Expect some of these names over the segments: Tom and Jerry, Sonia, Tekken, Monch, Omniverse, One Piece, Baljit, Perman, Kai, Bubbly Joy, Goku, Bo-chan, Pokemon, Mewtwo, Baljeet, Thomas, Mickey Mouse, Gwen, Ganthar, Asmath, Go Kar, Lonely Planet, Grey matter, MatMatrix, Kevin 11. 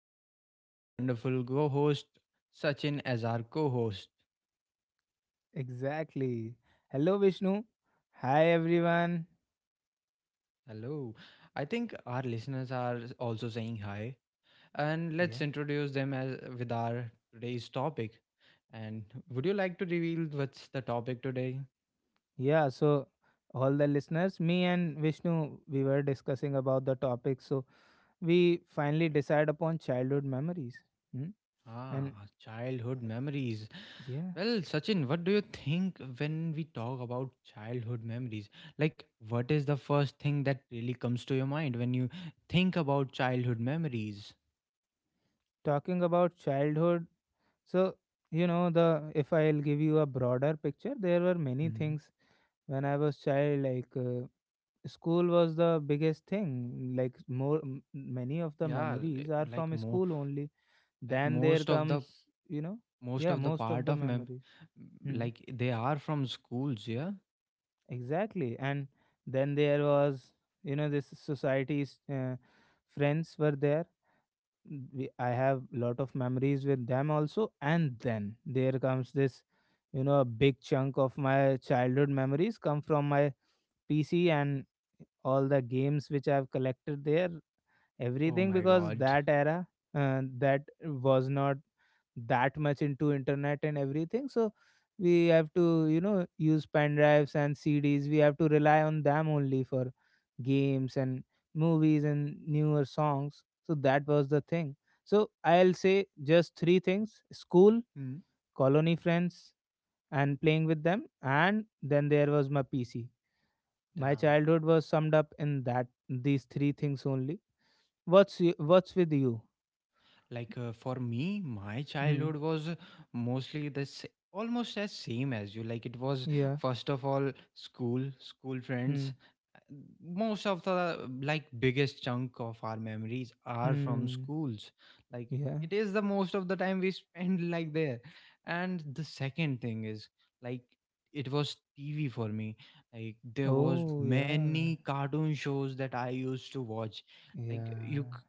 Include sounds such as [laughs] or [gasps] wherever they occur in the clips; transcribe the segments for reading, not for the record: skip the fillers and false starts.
and we have our wonderful co host, Sachin, as our co host. Exactly. Hello, Vishnu. Hi, everyone. Hello. I think our listeners are also saying hi, and let's Yeah. introduce them as, with our today's topic. And would you like to reveal what's the topic today? Yeah. So, all the listeners, me and Vishnu, we were discussing about the topic. So, we finally decide upon childhood memories. Hmm? And Ah, childhood memories. yeah, Well, Sachin, what do you think when we talk about childhood memories? Like, what is the first thing that really comes to your mind when you think about childhood memories? talking about childhood. So, the if I'll give you a broader picture, there were many hmm things when I was child, like school was the biggest thing. Like many of the Yeah, memories are like from more, school only, like then there most of the comes, yeah, most of part the of memories. Hmm? like they are from schools. Yeah. Exactly. And then there was, this society's friends were there. I have lot of memories with them also. And then there comes this, a big chunk of my childhood memories come from my PC and all the games which I've collected there, Oh everything. my Because God. that era, that was not that much into internet and everything, so we have to, use pen drives and CDs. We have to rely on them only for games and movies and newer songs. So that was the thing. So I'll say just three things: school, Mm. colony friends and playing with them, and then there was my PC. My Damn. childhood was summed up in that, these three things only. What's what's with you? Like for me my Hmm. childhood was mostly the almost as same as you, like it was Yeah. first of all school, school friends. Hmm. Uh, Most of the, like biggest chunk of our memories are from Hmm. schools, like Yeah. it is the most of the time we [laughs] spend like there. And the second thing is like it was tv for me, like there was Oh, many yeah. cartoon shows that I used to watch. Like Yeah. c-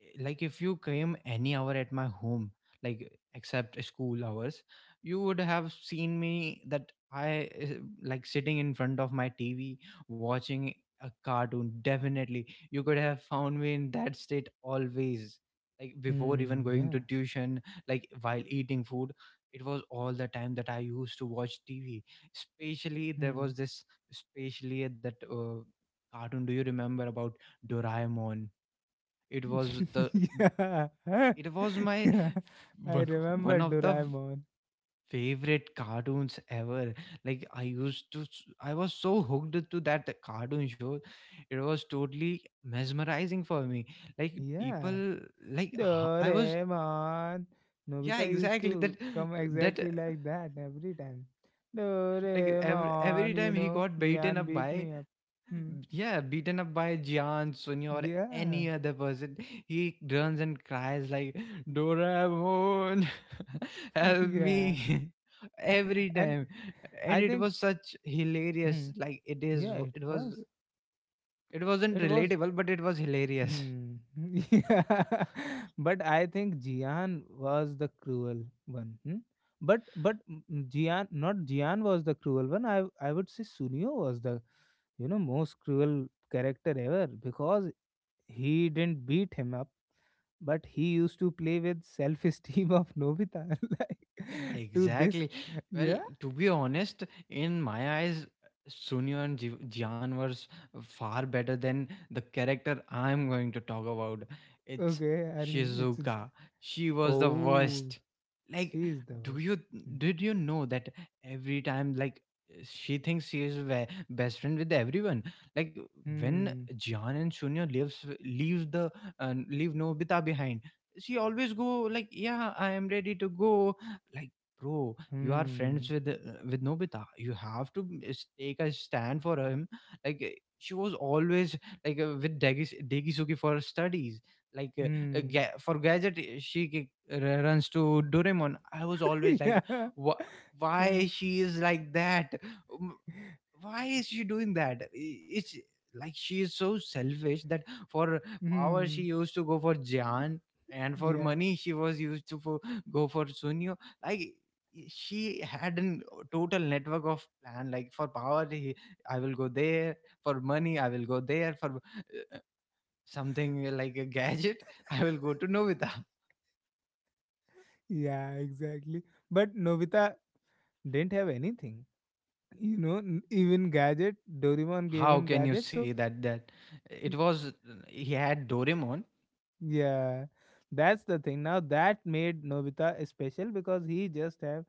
eh, like if you came any hour at my home, like except school hours, you would have seen me that I like sitting in front of my tv watching a cartoon. Definitely you could have found me in that state always, like before even Mm, going yeah. to tuition, like while eating food. It was all the time that I used to watch tv. Especially there Hmm. was this Especially that cartoon, do you remember about doraemon? it was [laughs] the Yeah. [laughs] it was my Yeah. I one one remember of the Doraemon. favorite cartoons ever. Like I used to, I was so hooked to that cartoon show. It was totally mesmerizing for me. Like Yeah. I was, Doraemon. yeah, Nobita used exactly to that, come that exactly like that every time. like every Doraemon, you time he know, got beaten Jian up beat by, me up. Hmm. yeah, beaten up by Jian, Sonia, or Yeah. any other person. He runs and cries like, Doraemon, [laughs] [laughs] help Yeah. me. [laughs] Every And time. And I it think, was such hmm, hilarious. Yeah, it It was, was. it wasn't It was relatable, but it was hilarious. Hmm. [laughs] Yeah. [laughs] But I think Jian was the cruel one. Hmm? But Jian, not Jian, was the cruel one. I would say Sunio was the, you know, most cruel character ever, because he didn't beat him up, but he used to play with self-esteem of Nobita [laughs] like Yeah, to this. exactly. Well, Yeah. to be honest, in my eyes, Sunil and Jian were far better than the character I'm going to talk about. It's Okay. Are you, it's a- d- Shizuka. She was the Oh, worst. Like, she is the do worst. you Hmm. did you know that every time like she thinks she is best friend with everyone? Like when Hmm. Jian and Sunil leave the leave Nobita behind, she always go like, yeah, I am ready to go. Like bro, you are friends Hmm. With nobita, you have to take a stand for him. Like she was always like with degisuki for studies, like Hmm. For gadget she runs to doraemon. I was always [laughs] like, Yeah, "Wh- yeah, why she is like that, why is she doing that?" It's like she is so selfish that for power she hmm, used to go for jan, and for yeah, money she was used to go for sunio. Like she had a total network of plan, like for power, I will go there," for money, "i will go there," for uh, something like a gadget, I will go to novita. yeah, exactly. But Novita didn't have anything, even gadget. Doraemon gave How him can you gadget, say so that, that it mm, was he had doraemon. yeah, that's the thing. Now that made Novita special, because he just have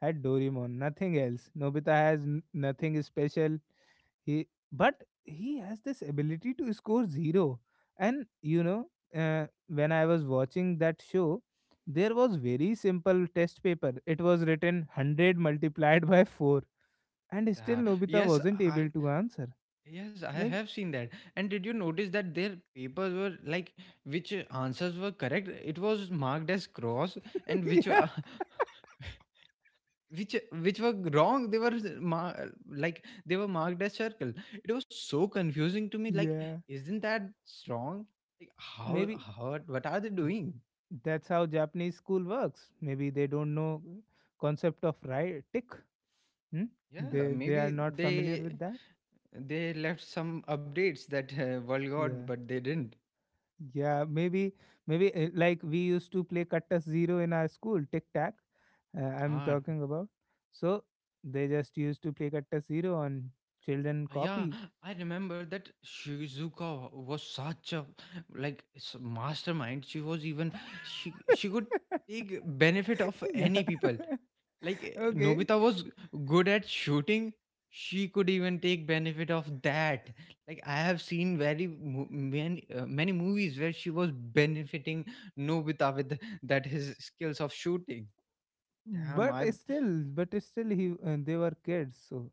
had Doraemon, nothing else. Novita has nothing special. But he has this ability to score zero. And, when I was watching that show, there was very simple test paper. It was written 100 multiplied by four, and still uh, Nobita yes, wasn't I, able to answer. Yes, I Like, have seen that. And did you notice that their papers were like which answers were correct, it was marked as cross, [laughs] and which yeah, [laughs] which which were wrong, they were like they were marked as circle. It was so confusing to me. Like, yeah, isn't that wrong? Like, how maybe how what are they doing? that's how Japanese school works. Maybe they don't know concept of right tick. Hmm? Yeah, They are maybe not familiar they with that. they left some updates that world got, Yeah. but they didn't. Yeah, maybe, maybe like we used to play Cuttas Zero in our school, tic tac. I'm Ah, talking about. So they just used to play Cuttas Zero on children Yeah, copy. I remember that Shizuka was such a mastermind. She was even, she [laughs] could take benefit of Yeah, any people. Like okay. Nobita was good at shooting. She could even take benefit of that. Like I have seen very many movies where she was benefiting Nobita with that his skills of shooting. Damn, But I still, but still, he they were kids, so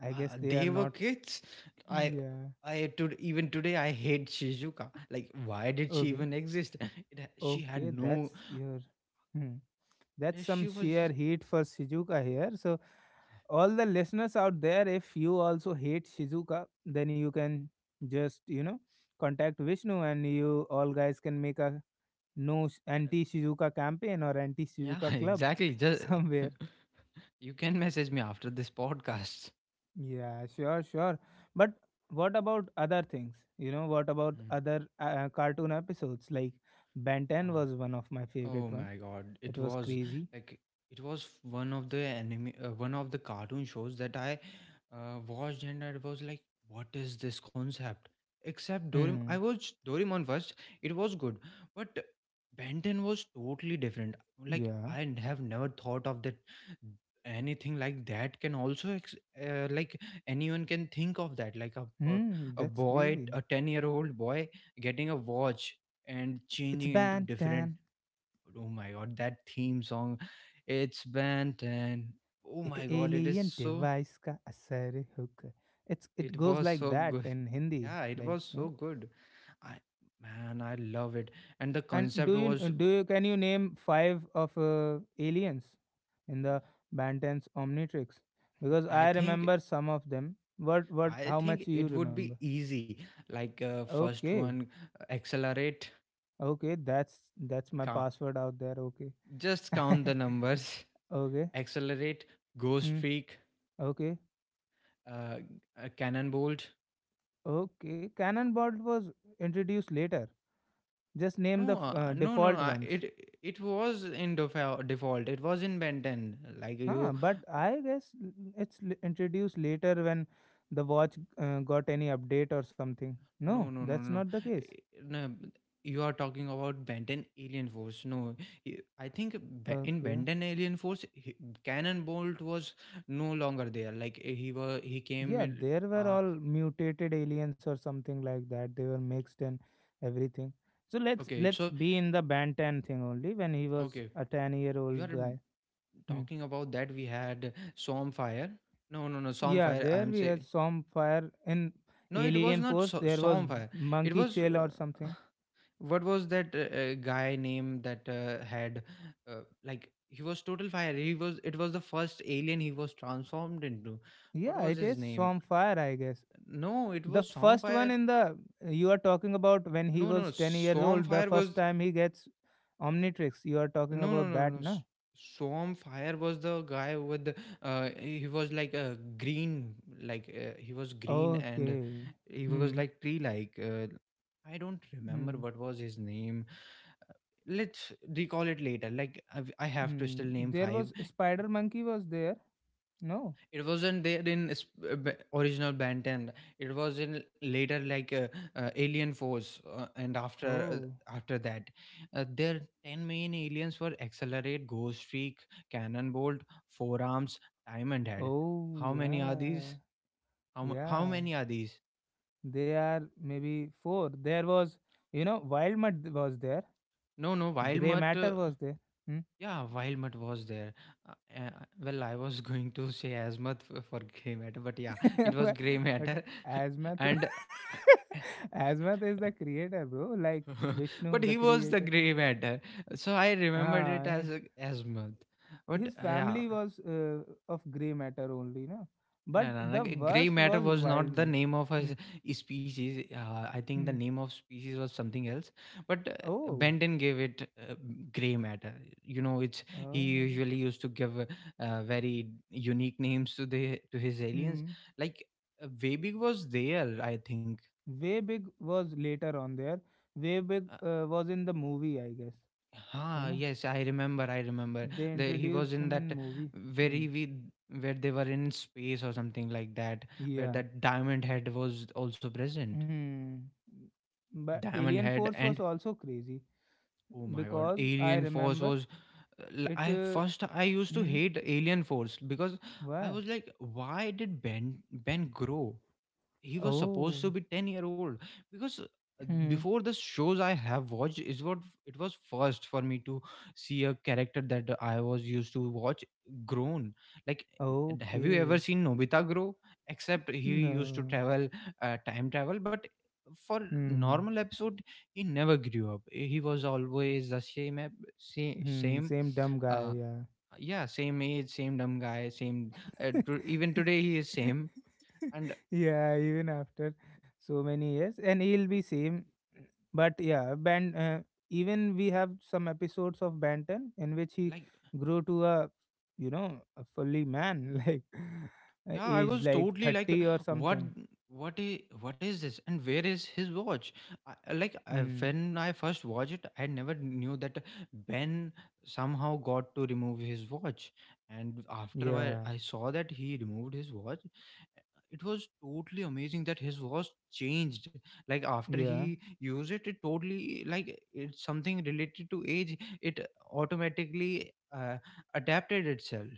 I guess they are They were not. kids. i Yeah, Even today I hate shizuka, like why did she okay. even exist? [laughs] She had Okay, no, that's your. Hmm. That's eh, some she sheer was heat for Shizuka here. So, all the listeners out there, if you also hate Shizuka, then you can just, contact Vishnu, and you all guys can make a, no, anti Shizuka campaign or anti yeah, [laughs] Shizuka club exactly, [laughs] just somewhere. [laughs] you can message me after this podcast. Yeah, sure, sure. But what about other things? You know, what about other cartoon episodes? Like Ben 10 Mm. was one of my Oh favorite one. my god, it It was was crazy. like, it was one of the anime, one of the cartoon shows that I watched, and I was like, "What is this concept?" Except Doraemon, Hmm. I watched Doraemon first. It was good, but Benton was totally different. Like Yeah. I have never thought of that. Anything like that can also like anyone can think of that. Like Hmm, a that's boy, a crazy. 10 year old boy, getting a watch and It's changing into, different Bantan, oh my god, that theme song, it's bent, and oh ek my god, it is alien so, device का असर hook. It's, it it goes was like so good. that in Hindi, Yeah, it like, was so yeah. good. I Man, I love it. And the And concept was, do you can you name five of aliens in the Bantan's Omnitrix? Because i I think remember some of them. What, what? I How think much you it would be remember? easy. Like first Okay, one, accelerate. okay. That's my Count, password out there. Okay, just count [laughs] the numbers. okay. [laughs] Accelerate, ghost Hmm. streak, Okay. uh, a cannon bolt. Okay, Cannonball was introduced later. Just name the No, no, no. default ones. It it was in default. It was in Ben 10. Huh, but I guess introduced later when the watch got any update or something. No, No, no, no, that's no. not the case. No. You are talking about Ben 10 Alien Force. No, I think in Okay. Ben 10 Alien Force, Cannon Bolt was no longer there. Like he was, he came Yeah, in. there were Uh, all mutated aliens or something like that. They were mixed and everything. So let's okay, let's so be in the Bantan thing only when he was okay, a 10-year you old are guy. Hmm. talking about that. We had Stormfire. No, no, no, Yeah, Stormfire. I there am we had saying some fire in no. It was Alien not Force. There was Stormfire. It Monkey was. Chill or Uh, something. what was that guy name that had like he was total fire, he was, it was the first alien he was transformed into, what Yeah, was it his is name? some fire, I guess. No, it The was first one Swampfire. in the You are talking about when he No no was 10 years old. The Swampfire first was time he gets Omnitrix. You are talking No, no, about no, that, no. na? Swamp Fire was the guy with he was like a green, like he was green and Okay. he was Hmm. like tree, like I don't remember Hmm. what was his name. Uh, Let's recall it later. Like I have to Hmm. still name There five. was Spider Monkey was there. No. It wasn't there in original Ben 10. It was in later, like Alien Force and Oh. After that. Their 10 main aliens were Accelerate, Ghost Streak, Cannonbolt, Forearms, Time and Head. Oh How many are yeah. these? How Yeah. many are these? They are maybe four. There was, Wild Mud was there. No, no, Grey Wildmutt. Matter was there. Hmm? Yeah, Wildmutt was there. Uh, uh, well, I was [laughs] going to say Asmuth for Grey Matter, but yeah, it [laughs] was But, Grey but Matter. [laughs] Asmath, [laughs] And uh, Asmath is the creator, bro. Like [laughs] Vishnu, but the he was the creator. gray matter, so I remembered Ah, it as a azimuth, but his yeah. family was, of Grey Matter only, no? But No, no, no. the Gray worst matter was was not the Wildmud. name of a Hmm. Species. I think the Hmm. name of species was something else. But Oh. Benton gave it gray matter. You know, it's, he Oh. usually used to give very unique names to the to his aliens. Hmm. Like Weibig was there, I think. Way Big was later on there. Way Big was in the movie, I guess. You Ah, know, yes, I remember. I remember. they He was introduced in him in that movie. Hmm. very we where they were in space or something like that, where Yeah. that diamond head was also present. Hmm. But Diamond Alien head Force was and also crazy oh my god, because I alien force remember was. It. I first, I used to hmm. hate alien force because I Why? was like, why did Ben grow? He was supposed to Oh. be 10-year old. Because Hmm. before, the shows I have watched is what, it was first for me to see a character that I was used to watch grown, like. And have you ever Okay. seen nobita grow? Except he used to No. travel time travel. But for Hmm. normal episode he never grew up, he was always the same Hmm. same Same dumb guy. uh, Yeah. yeah, same age, same dumb guy, same even today he is [laughs] same. And Yeah, even after so many years, and he'll be same. But yeah, Ben, even we have some episodes of Benton in which he like, grew to a you know a fully man, [laughs] like, yeah, I age was like totally like, 30 or what, something. What is this, and where is his watch? Hmm. When I first watched it, I never knew that Ben somehow got to remove his watch, and after Yeah. I saw that he removed his watch, it was totally amazing that his voice changed, like after Yeah. he used it, it totally like, it's something related to age, it automatically adapted itself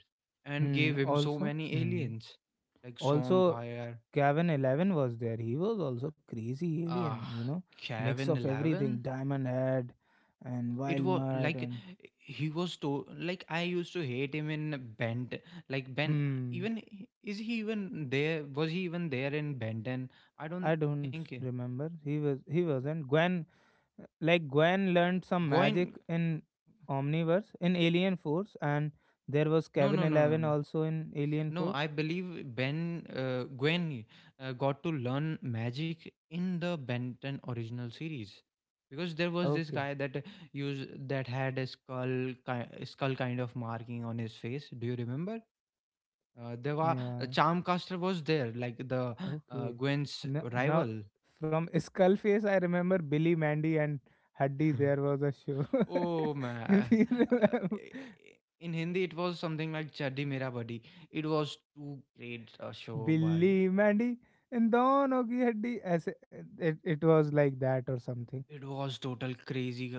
and Hmm. gave him so Also. many Hmm. aliens like Also, Swampfire, Kevin 11 was there. He was also crazy uh, alien, mix Kevin of everything, 11. Diamond Head and It Wild was Mud like and, he was to, like I used to hate him in Bent. Like Ben, hmm. even, is he even there? Was he even there in Benton? I I don't don't think. remember. He wasn't Gwen. Like Gwen learned some Goin magic in Omniverse in Alien Force, and there was No, Kevin no, no, no, 11 no. also in Alien No, Force. I believe Ben Gwen got to learn magic in the Ben 10 original series, because there was this Okay, guy that used that had a skull kind of marking on his face. Do you remember? There were yeah. Charmcaster was there, like the Okay. Gwen's Now, rival. from Skullface, I remember Billy Mandy and Huddy. There [laughs] was a show. Oh [laughs] man. If you Uh, remember, in Hindi, it was something like Chaddi Mera Buddy. It was too great a show by Billy Mandy and Don Ogi Huddy, as it, it, it was like that or something. it was total crazy.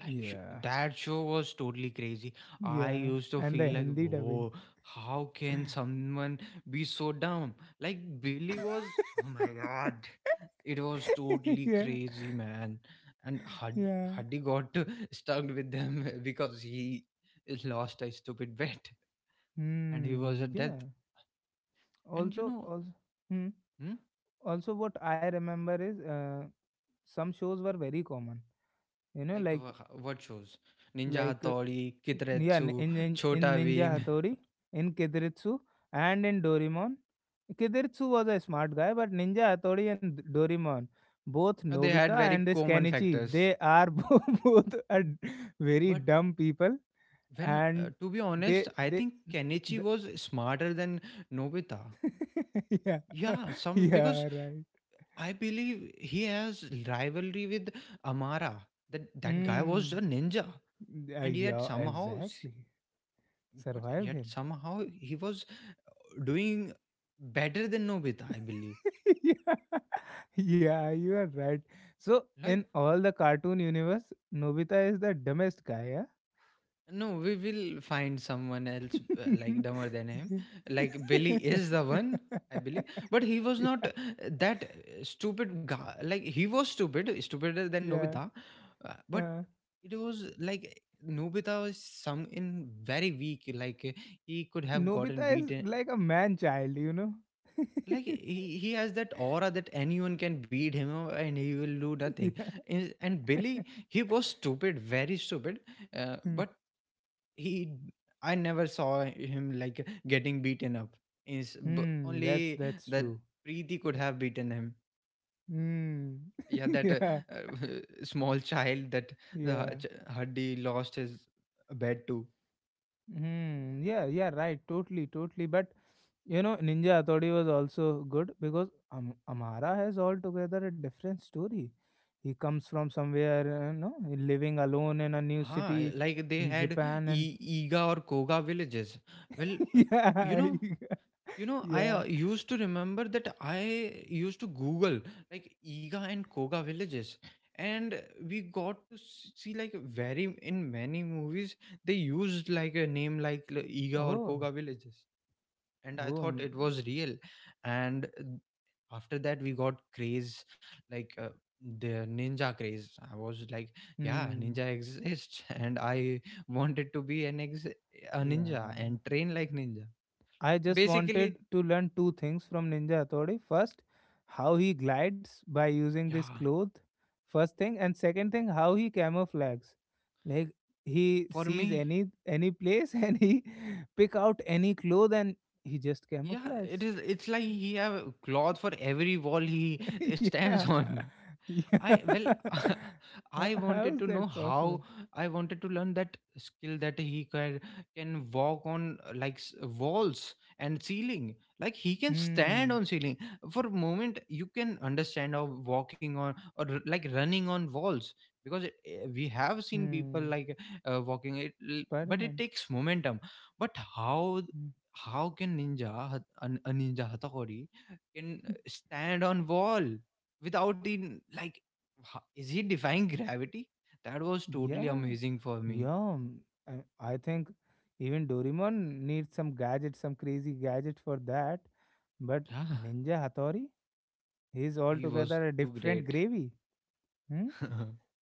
Yeah. That show was totally crazy. I Yeah. used to And the feel like, Hindi dubbing. whoa, how can someone be so dumb? Like Billy was. Oh my god, it was [laughs] totally Yeah. crazy, man. And Hud- Yeah. Huddy got [laughs] stuck with them [laughs] because he lost a stupid bet, and he was Hmm. a death. Yeah. And you Also, know, also. Hmm. hmm? Also, what I remember is, some shows were very common. You know, like. What shows? Ninja Like, uh, Hattori, n- yeah, in, Kitretsu, in, in Chota Ninja Bheem. Hattori, in Kediritsu, and in Dorimon. Kediritsu was a smart guy, but Ninja Hattori and Dorimon, both They had Nobita very and this common Kenichi, factors. they are [laughs] both very But dumb people, when, and to be they honest, I they think Kenichi the was smarter than Nobita. [laughs] yeah. Yeah, [laughs] some because Yeah, right. I believe he has rivalry with Amara. That guy was Mm, a ninja, yeah, and yet yeah, somehow, exactly. but Survived yet him. somehow he was doing better than Nobita. I believe. [laughs] Yeah. Yeah, you are right. So, Like in all the cartoon universe, Nobita is the dumbest guy, no, we will find someone else yeah? like [laughs] dumber than him. Like Billy is the one, I believe, but he was not Yeah. That stupid guy. Like he was stupid, stupider than Yeah. Nobita, but Uh, it was like Nobita was some in very weak. Like he could have gotten Nobita is beaten. like a man child, you know? Like he has that aura that anyone can beat him and he will do [laughs] nothing. Yeah. And Billy, he was stupid, very stupid, Hmm, but he I never saw him like getting beaten up hmm, only that's that true. Preeti could have beaten him Hmm. yeah that [laughs] Yeah. uh, [laughs] small child that Yeah. Hadi lost his bed to. Hmm. Yeah, yeah, right. Totally, totally. But, you know, Ninja Hathodi was also good because Amara has altogether a different story. He comes from somewhere, you know, living alone in a new Ah, city like they in had Japan, and e- Iga or Koga villages, well, [laughs] but you yeah, know, you know, [laughs] I yeah. used to remember that I used to Google like Iga and Koga villages, and we got to see like very in many movies they used like a name like Iga or Oh, Koga villages, and I oh, thought mm, it was real. And after that, we got craze like the ninja craze. I was like, yeah, hmm, ninja exists, [laughs] and I wanted to be a ninja yeah. and train like ninja. I just wanted Basically, to learn two things from Ninja Hattori. First, how he glides by using this yeah. cloth. First thing. And second thing, how he camouflages. Like, he For sees me, any place [laughs] and he pick out any cloth and he just yeah, camouflages. it is. It's like he have cloth for every wall he [laughs] [laughs] stands Yeah, on. [laughs] yeah. I well, [laughs] I [laughs] How wanted to is know that how possible? I wanted to learn that skill that he can walk on walls and ceiling. Like he can stand Hmm. on ceiling for a moment. You can understand of walking on or like running on walls because we have seen people Hmm. like Spider but it Man. takes momentum. But how? How can ninja hat- an- A ninja hatakori can stand on wall without in like ho- is he defying gravity? That was totally Yeah, amazing for me. yeah. Mm, I I think even Doraemon needs some gadget, some crazy gadget for that. But Yeah, Ninja Hattori, he's he was altogether a too different great. gravy. Hmm? [laughs]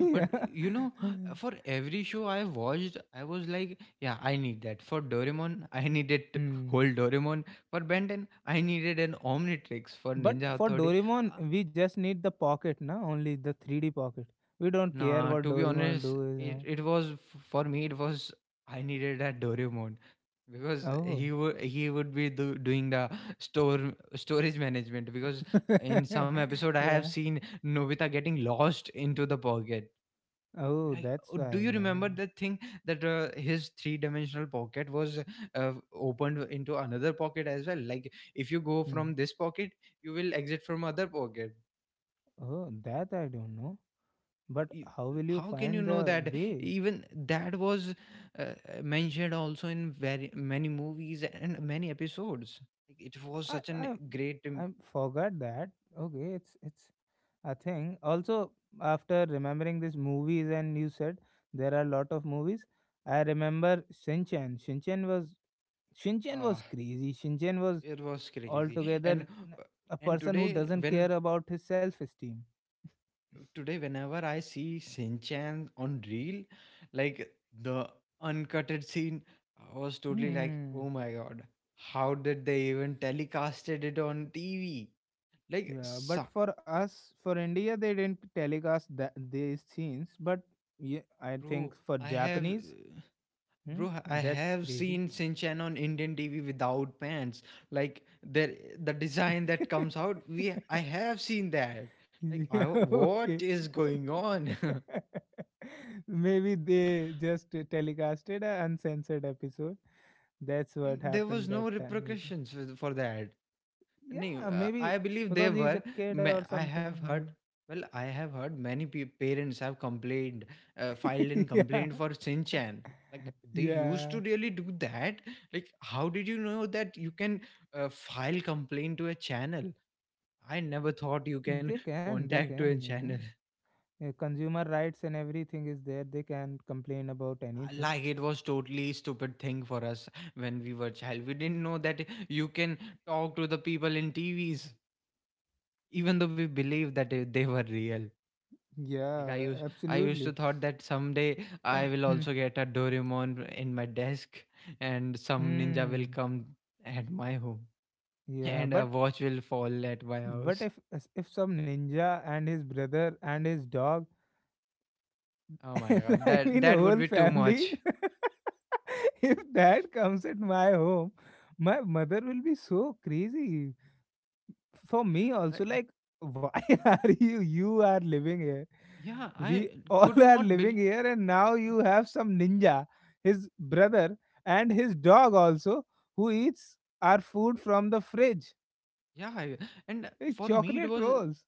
[laughs] But Yeah. you know, for every show I watched, I was like, yeah, I need that. For Doraemon, [laughs] Hmm. whole Doraemon. For Ben 10, I needed an Omnitrix. For But Ninja for Authority, uh, Doraemon, we just need the pocket, na? Only the 3D pocket. We don't care nah, what to be Doraemon honest, do it, is it was for me. It was I needed that Doraemon because not. Oh. He would be do, doing the store storage management because in [laughs] some episode I have Yeah. seen Nobita getting lost into the pocket. Oh, Like, that's oh, do why. you Yeah. remember that thing that his three dimensional pocket was opened into another pocket as well? Like, if you go Hmm. from this pocket, you will exit from other pocket. Oh, that I don't know. Uh, But you- how will you how can you find know the that way? even that was uh, mentioned also in very many movies and many episodes like it was I such an I great I forgot that. Okay, it's a thing. Also, after remembering these movies, and you said there are a lot of movies. I remember Shinchan. Shinchan uh, was crazy. Shinchan was it was crazy altogether and uh, a person who today doesn't when care about his self-esteem. today whenever I see Sinchan on reel, like the uncutted scene, I was totally like, Hmm. oh my god, how did they even telecasted it on TV, like Yeah, so, but for us, for India, they didn't telecast that these scenes. But yeah, I bro think for i have Japanese, uh, hmm, bro, I that's have crazy. seen Sinchan on Indian TV without pants. Like there, the design that comes out, we [laughs] I have seen that. Like, Yeah, I, what okay. is going on? [laughs] [laughs] Maybe they just telecasted an uncensored episode. That's what There happened was that no time, maybe. repercussions with- for that. No, Yeah, maybe I believe there because he's a were. kid or I something, have heard. maybe. Well, I have heard many parents have complained, filed in [laughs] Yeah. complaint for Sinchan. Like they used Yeah. to really do that. Like, how did you know that you can file complaint to a channel? I never thought you can They contact to a can, you channel. know. Yeah, consumer rights and everything is there. They can complain about anything. Like it was totally stupid thing for us. When we were child, we didn't know that you can talk to the people in TVs, even though we believed that they were real. Like Yeah, I used to absolutely. thought that someday I will also [clears throat] get a Doraemon in my desk, and some ninja will Hmm. come at my home, [laughs] Yeah, and a but. watch will fall at my But house. if if some ninja and his brother and his dog Oh [laughs] my and god, I that mean that would whole be too family, much. [laughs] if that comes at my home, my mother will be so crazy. For me also Like, like, why [laughs] are you, you are living here? yeah, I We all could [laughs] are not living believe. here, and now you have some ninja, his brother and his dog also, who eats our food from the fridge. Yeah, and It's for me chocolate rolls.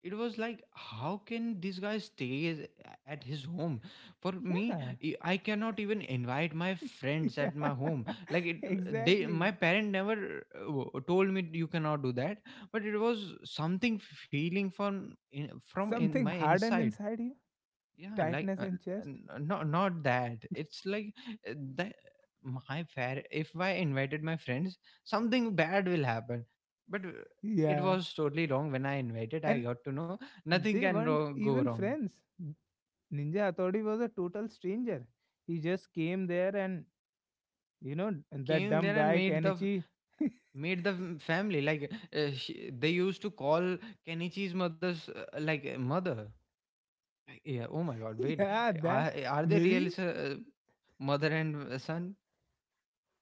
it was like, how can this guy stay at his home? For me, Yeah. I cannot even invite my [laughs] friends Yeah, at my home. Like [laughs] it, they, my exactly. parent never told me you cannot do that, but it was something feeling from from in Something my hardened inside. inside you, Yeah, like tightness in chest. not that it's like that my fair, if I invited my friends, something bad will happen, but it Yeah. was totally wrong. When I invited, I And got to know nothing they can weren't go even wrong. friends. Ninja Hattori was a total stranger. He just came there, and, and that Came dumb there and guy, Kenichi. [laughs] made the family like they used to call Kenichi's mother's mother. Like, yeah, oh my god, wait, Yeah, that. are they real Maybe mother and son,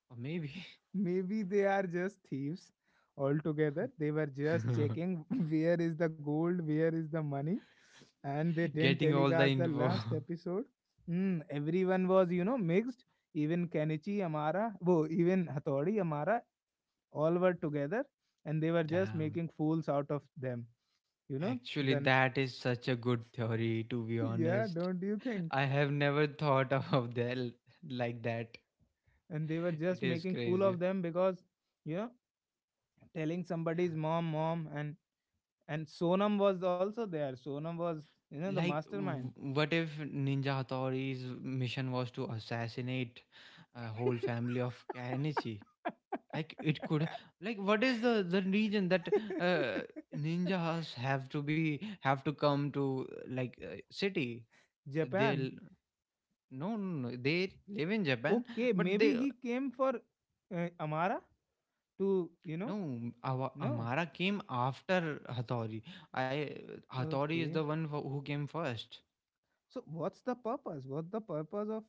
or maybe. Maybe they are just thieves altogether. They were just [laughs] checking [laughs] where is the gold, where is the money, and they didn't Getting all the telecast the info. [laughs] last episode. Everyone was, mixed. Even Kenichi Amara, even Hatori Amara, all were together and they were just Damn. making fools out of them. You know, Actually, then, that is such a good theory, to be [laughs] yeah, honest. don't you think? I have never thought [laughs] of that like that. And they were It just is making fool crazy. of them because, you know, telling Yeah. somebody's mom, and Sonam was also there. Sonam was, the Like, mastermind. What if Ninja Hattori's mission was to assassinate a whole family of Kanichi? Like, it could. Like, what is the reason that uh, [laughs] ninjas have to be have to come to like city? Japan. They'll no, no, no, no. They live in Japan, Okay, but they maybe he came for Amara to, you know, no. Our, no. Amara came after Hattori. I Hattori is Okay. the one who came first. So what's the purpose? What's the purpose of?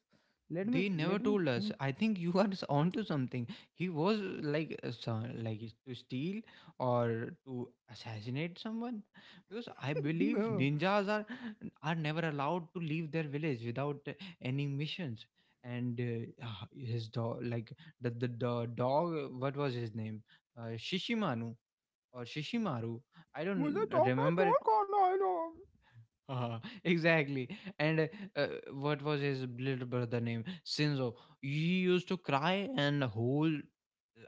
Let me They never let me told us. think. I think you are [laughs] onto something. He was like like is to steal or to assassinate someone because I believe [laughs] No. ninjas are never allowed to leave their village without any missions. And his dog, like the dog, what was his name? Shishimanu or Shishimaru? I मुझे don't chocolate remember roll खाना है ना. uh, exactly. And uh, what was his little brother name? Sinzo. He used to cry, and the whole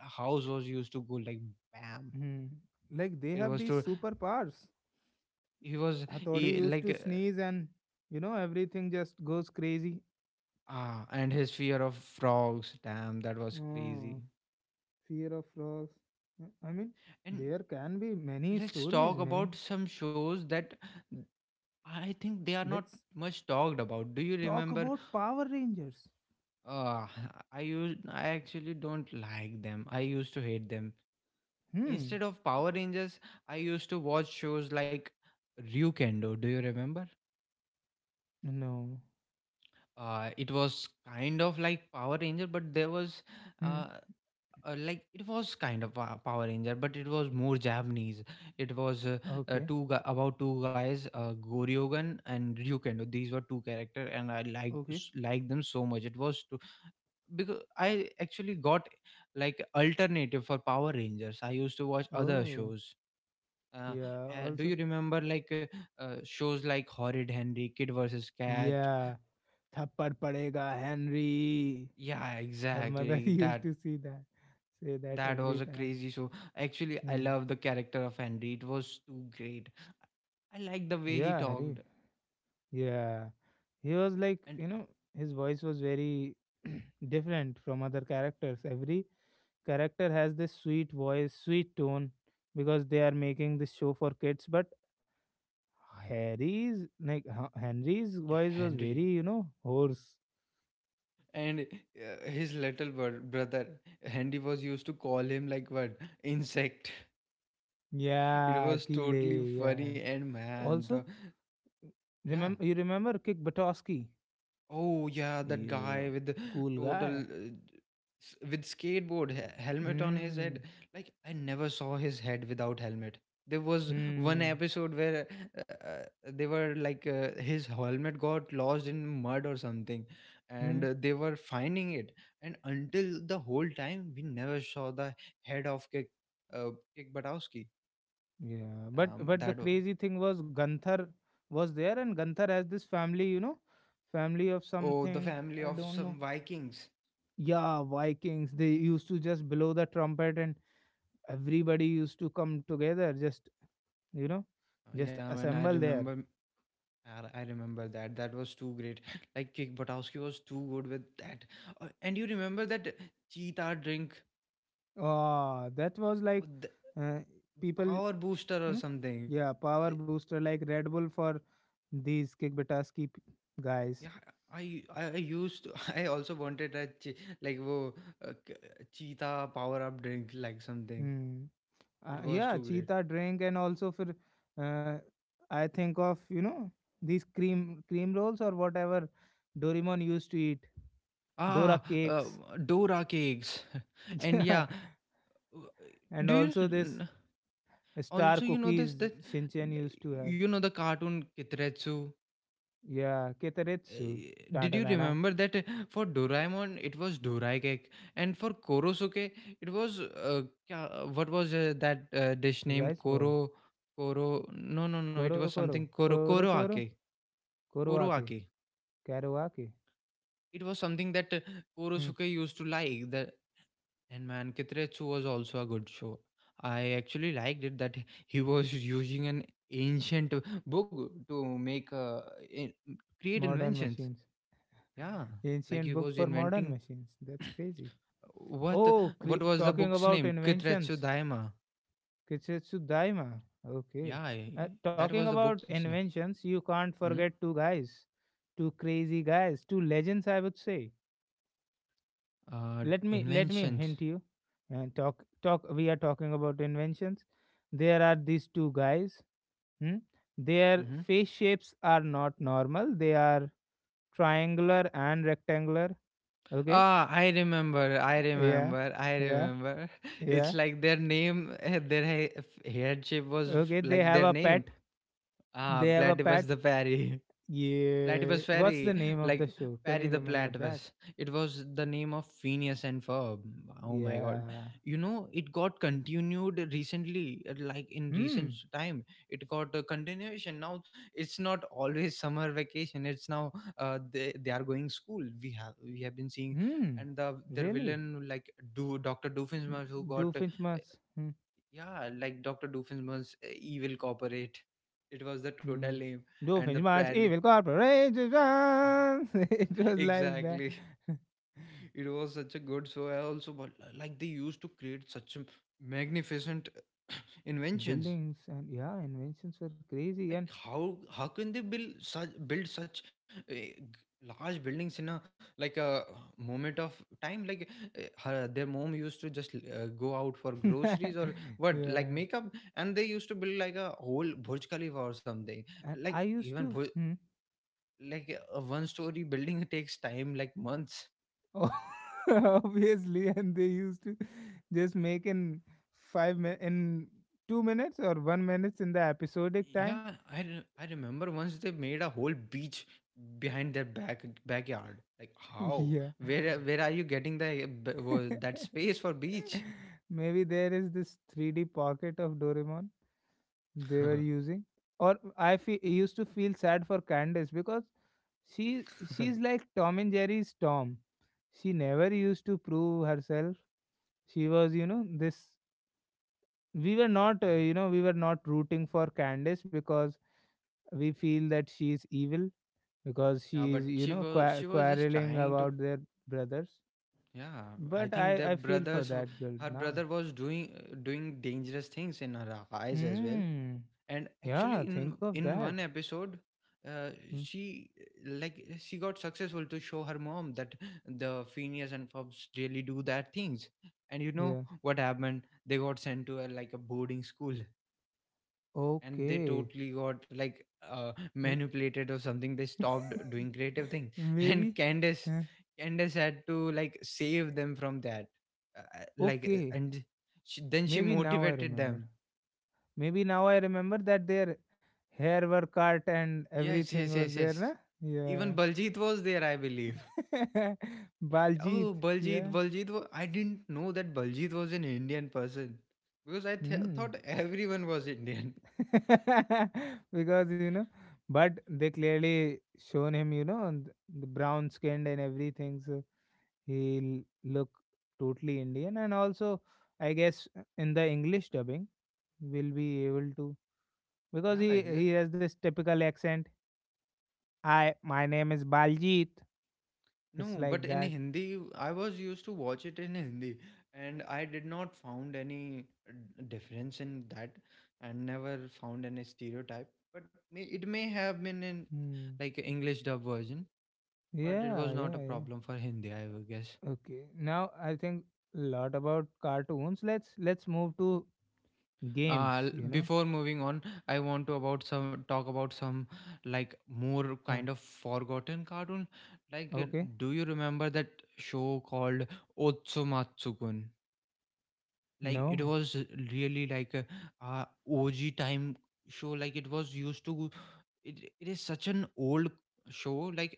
house was used to go like bam. Hmm. Like they It have was these to superpowers. he was Hathodi he, used like to sneeze and everything just goes crazy. And his fear of frogs. Damn, that was crazy. Oh, fear of frogs. I mean, And there can be many let's stories, talk many. about some shows that I think they are not Let's much talked about. Do you talk remember? about Power Rangers. Uh, I actually don't like them. I used to hate them. Hmm. Instead of Power Rangers, I used to watch shows like Ryukendo. Do you remember? No. It was kind of like Power Ranger, but there was Hmm. uh, like it was kind of Power Ranger, but it was more Japanese. It was Okay. About two guys, Goryogan and Ryukendo. These were two character, and I Okay. like them so much. It was to, because I actually got like alternative for Power Rangers. I used to watch other Oh. shows. Uh, Yeah. Do Also. you remember like shows like Horrid Henry, Kid versus Cat? Yeah. Thappad padega, Henry. Yeah, Her mother [laughs] exactly. used That to see that, say that that was every a time. crazy show. Actually, I Hmm. love the character of Henry. It was too great. I like the way he Yeah, Harry. talked Yeah, he was like, and his voice was very [clears throat] different from other characters. Every character has this sweet voice, sweet tone, because they are making this show for kids. But Harry's, like Henry's voice was Henry very, hoarse. and his little brother Henry was used to call him like what, insect. [laughs] It Yeah, was totally Kide, yeah. funny and man Also, the yeah. remember you remember Kick Batowski? Oh yeah, that He's guy a with the cool total guy. With skateboard helmet on his head. Hmm. Like I never saw his head without helmet. There was one Hmm. episode where they were like his helmet got lost in mud or something, and Hmm. They were finding it. And until the whole time, we never saw the head of Kick uh, Kick Buttowski. Yeah, but Um, but the that o- crazy thing was Ganthar was there, and Ganthar has this family, family of oh, the something family I of don't know. some Vikings. Yeah, Vikings. They used to just blow the trumpet, and everybody used to come together, just you know, just Yeah, man, I assemble there. remember I remember that. That was too great. [laughs] Like Kick Buttowski was too good with that. And you remember that cheetah drink Ah, that was like or the uh, people, power booster or know, something. yeah, power The- booster like Red Bull for these kick Butaski guys. Yeah, I I used to, [laughs] I also wanted a like wo uh, k- cheetah power up drink like something. Hmm. It was Yeah, too great. cheetah drink and also for uh, I think of these cream rolls or whatever Doraemon used to eat, Ah, Dora cakes, uh, Dora cakes. [laughs] [laughs] And yeah, yeah, w- and do you also this star also you know this cookies that Shinchan used to have. you know the cartoon Kitretsu? Yeah, Ketaretsu, Uh, did you Tantanana, remember that for Doraemon it was Dorai cake, and for Korosuke it was what was that dish name rice ball, Koro? No, it Koro was Koro, something Koro. Koro Koro, Koroake. Koroake, Koroake. Karoake, It was something that hmm. Korosuke used to like that. And man, Kitretsu was also a good show. I actually liked it that he was using an ancient book to make in, create Modern inventions. machines, Yeah, [laughs] like ancient he book was for modern inventing machines. That's crazy. [clears throat] What Oh, what was the talking book's about name? Kitretsu inventions. Daima. Kisetsu Daima. Okay. Yeah, I- that Talking was the about book's name. inventions, you can't Hmm? forget two guys, two crazy guys, two legends, I would say. Let me Inventions. hint you. And talk talk. We are talking about inventions. There are these two guys. Hmm? Their Mm-hmm. face shapes are not normal. They are triangular and rectangular. Okay. Ah, I remember. I Yeah. remember. I Yeah. remember. [laughs] It's Yeah. like their name, their headship was Okay. They like have their a name. pet. Ah, They have a Platypus pet the Fairy. [laughs] Yeah. Platypus What's the Fairy, name of like the show? Can Parry you the remember that? Platypus. It was the name of Phineas and Ferb. Oh my god. Yeah. You know, it got continued recently, like in recent Hmm. time. It got a continuation. Now it's not always summer vacation. It's now they are going school. We have been seeing. Hmm. And the their Really? villain like do Dr. Doofenshmirtz who Do got Finchmas. Hmm. yeah, like Dr. Doofenshmirtz evil corporate. It was the total Hmm. name. Do And the Finchmas Bradley. Evil Corporation. [laughs] It [laughs] was like that. Exactly. [laughs] It was such a good show, I also, but like they used to create such a magnificent [coughs] [clears throat] inventions. Buildings and yeah, inventions were crazy. And Like how can they build such uh, g- large buildings in a like a moment of time. Like their mom used to just go out for groceries [laughs] or what, like yeah. makeup, and they used to build like a whole burj khalifa or something. And I Like used even to. Hmm. like a one story building [laughs] takes time, like months. Oh, [laughs] obviously, and they used to just make in in 2 minutes or 1 minutes in the episodic time. I remember once they made a whole beach behind their backyard. Like how? [laughs] Yeah. Where are you getting the that [laughs] space for beach? Maybe there is this 3D pocket of Doraemon [laughs] they were yeah, using. Or I used to feel sad for Candace, because she she's like Tom and Jerry's Tom. She never used to prove herself. She was, this. Yeah. We were not rooting for Candace, because we feel that she is evil, because she is But she was, she was just quarreling trying to. about their brothers. Yeah, I But i think their i feel for brothers, that girl her now. brother was doing, doing dangerous things in her eyes as well. Mm, And actually yeah, think of in that. one episode, Mm, she like she got successful to show her mom that the Phineas and Fobs really do that things, and you know yeah. what happened, they got sent to a like a boarding school, and they Okay. totally got like [laughs] manipulated or something. They stopped doing creative things [laughs] Maybe, and eh, Candace had to like save them from that okay, and then she maybe now i motivated remember them. maybe now I remember that their hair were cut and Yes, everything yes, was yes, yes. there na. Yeah. Even Baljeet was there, I believe. [laughs] Baljit, Oh, Baljeet, yeah. Baljeet. I didn't know that Baljeet was an Indian person because I Hmm. thought everyone was Indian. [laughs] [laughs] Because, but they clearly shown him, you know, the brown skinned and everything, so he'll look totally Indian. And also, I guess in the English dubbing, we'll be able to, because Yeah, he exactly. he has this typical accent. I my name is Baljit. It's No, but like in that. Hindi, I was used to watch it in Hindi, and I did not found any difference in that, and never found any stereotype. But may, it may have been in Hmm. like English dub version, but it Yeah, was not a yeah, yeah. problem for Hindi, I guess. Okay. Now I think a lot about cartoons. Let's move to Games, uh you know? Before moving on, I want to about some, talk about some, like more Huh. kind of forgotten cartoon. Like Okay. do you remember that show called otsumatsukun? Like it No. was really like a, og time show. Like it was used to, it is such an old show. Like,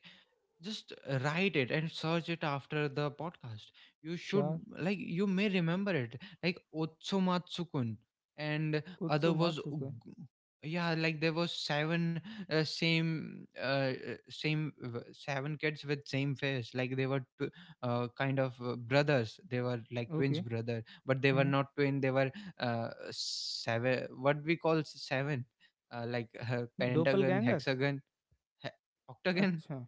just write it and search it after the podcast. You should, Sure. like you may remember it, like otsumatsukun. And other was Utsumatsuka. Yeah, like there was seven seven kids with same face. Like they were kind of brothers. They were like twins Okay. brother, but they were Hmm. not twin. They were seven, what we call seven, pentagon, Doppelgangers. hexagon, he- octagon. Acha.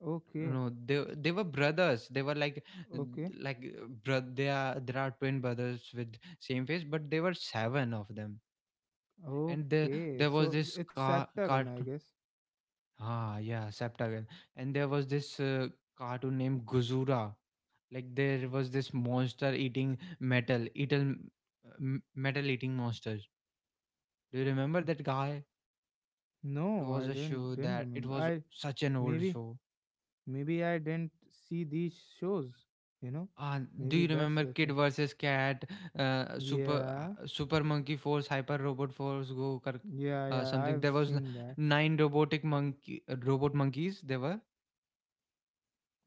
Okay. No, they, they were brothers. They were like Okay. like bro, they are, there are twin brothers with same face, but they were seven of them. And Okay. there was So this it's Septagon, I cartoon. guess. Ah yeah, septagon. And there was this cartoon named guzura. Like there was this monster eating, metal eating, metal eating monsters. Do you remember that guy? It No, I was a didn't show didn't that it remember. was I such an old maybe show. maybe I didn't see these shows, you know? Uh, do Maybe you that's remember the Kid thing. versus Cat, Yeah. Super Monkey Force, Hyper Robot Force, Go Kar, Yeah, yeah, I've something? There was seen that. nine robotic monkey robot monkeys. There were.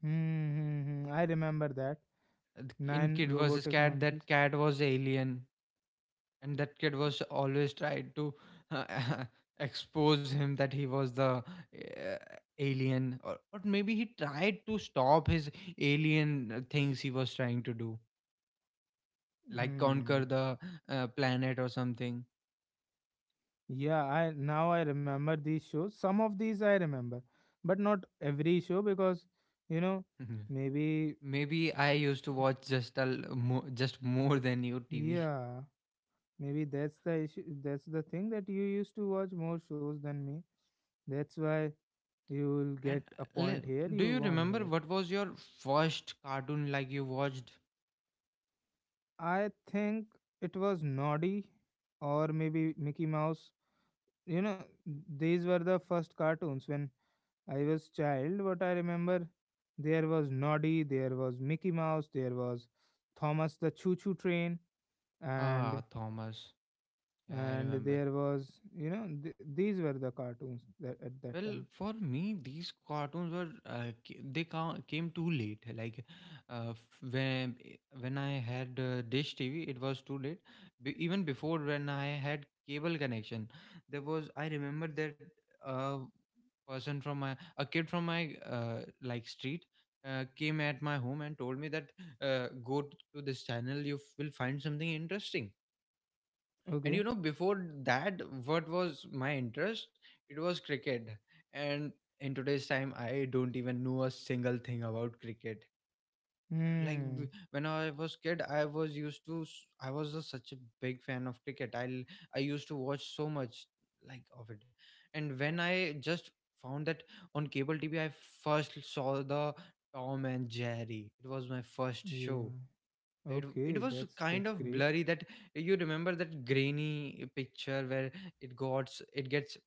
Hmm, hmm, hmm. I remember that. Uh, in Nine Kid versus robotic Cat. That monkeys. cat was alien, and that kid was always tried to uh, [laughs] expose him that he was the alien, or maybe he tried to stop his alien things he was trying to do, like conquer Hmm. the planet or something. Yeah, I now I remember these shows. Some of these I remember, but not every show, because you know [laughs] maybe Maybe I used to watch just a just more [laughs] than you TV. yeah, maybe that's the issue. That's the thing, that you used to watch more shows than me. That's why you will And get a uh, le- point here. do You you won remember here. what was your first cartoon like you watched? I think it was Noddy or maybe Mickey Mouse. You know, these were the first cartoons when I was child, but I remember there was Noddy, there was Mickey Mouse, there was Thomas the Choo Choo Train, Ah, and Thomas. Yeah, I and remember. there was, these were the cartoons that at that Well, time. for me, these cartoons were they came too late. Like uh, f- when when I had Dish TV, it was too late. Even before, when I had cable connection, there was, I remember that uh, person from my, a kid from my like street came at my home and told me that to this channel, you will find something interesting. And Okay. you know before that what was my interest? It was cricket. And in today's time, I don't even know a single thing about cricket. Like Hmm. when I was kid, I was used to I was a, such a big fan of cricket. I used to watch so much, like of it. And when I just found that on cable TV, I first saw the Tom and Jerry. It was my first show. Yeah. It Okay. was That's kind that's of great. blurry. That, you remember that grainy picture where it got, it gets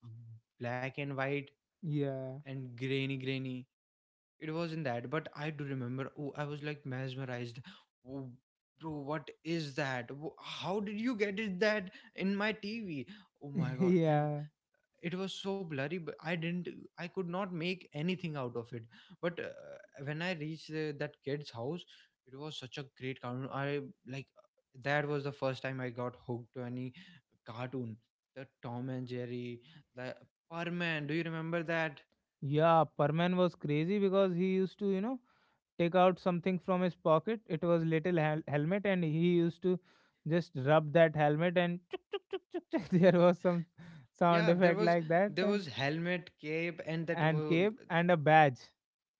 black and white Yeah. and grainy, grainy. It was in that, but I do remember, oh, I was like mesmerized. Oh, bro, what is that? How did you get it that in my TV? Oh my [laughs] god. And Yeah. it was so blurry, but I didn't, I could not make anything out of it. But when I reached that kid's house, it was such a great cartoon. I Like, that was the first time I got hooked to any cartoon. The Tom and Jerry. The Parman. Do you remember that? Yeah. Perman was crazy because he used to, take out something from his pocket. It was little helmet, and he used to just rub that helmet, and chuk, chuk, chuk, chuk, chuk. [laughs] There was some sound Yeah, there effect was, like that, there and was helmet, cape, and that and were, cape and a badge.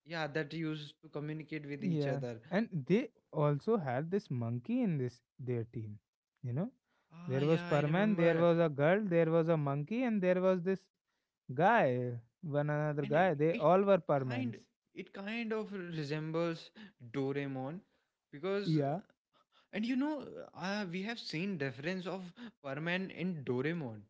yeah, that used to communicate with each Yeah, other. and Oh, they also had this monkey in this their team. You know, ah there was yeah, I Parman, there remember. was a girl, there was a monkey, and there was this guy, one another And it, guy. They it all were kind, Parmans. it kind of resembles Doraemon because Yeah, and you know we have seen reference of Perman in Doraemon,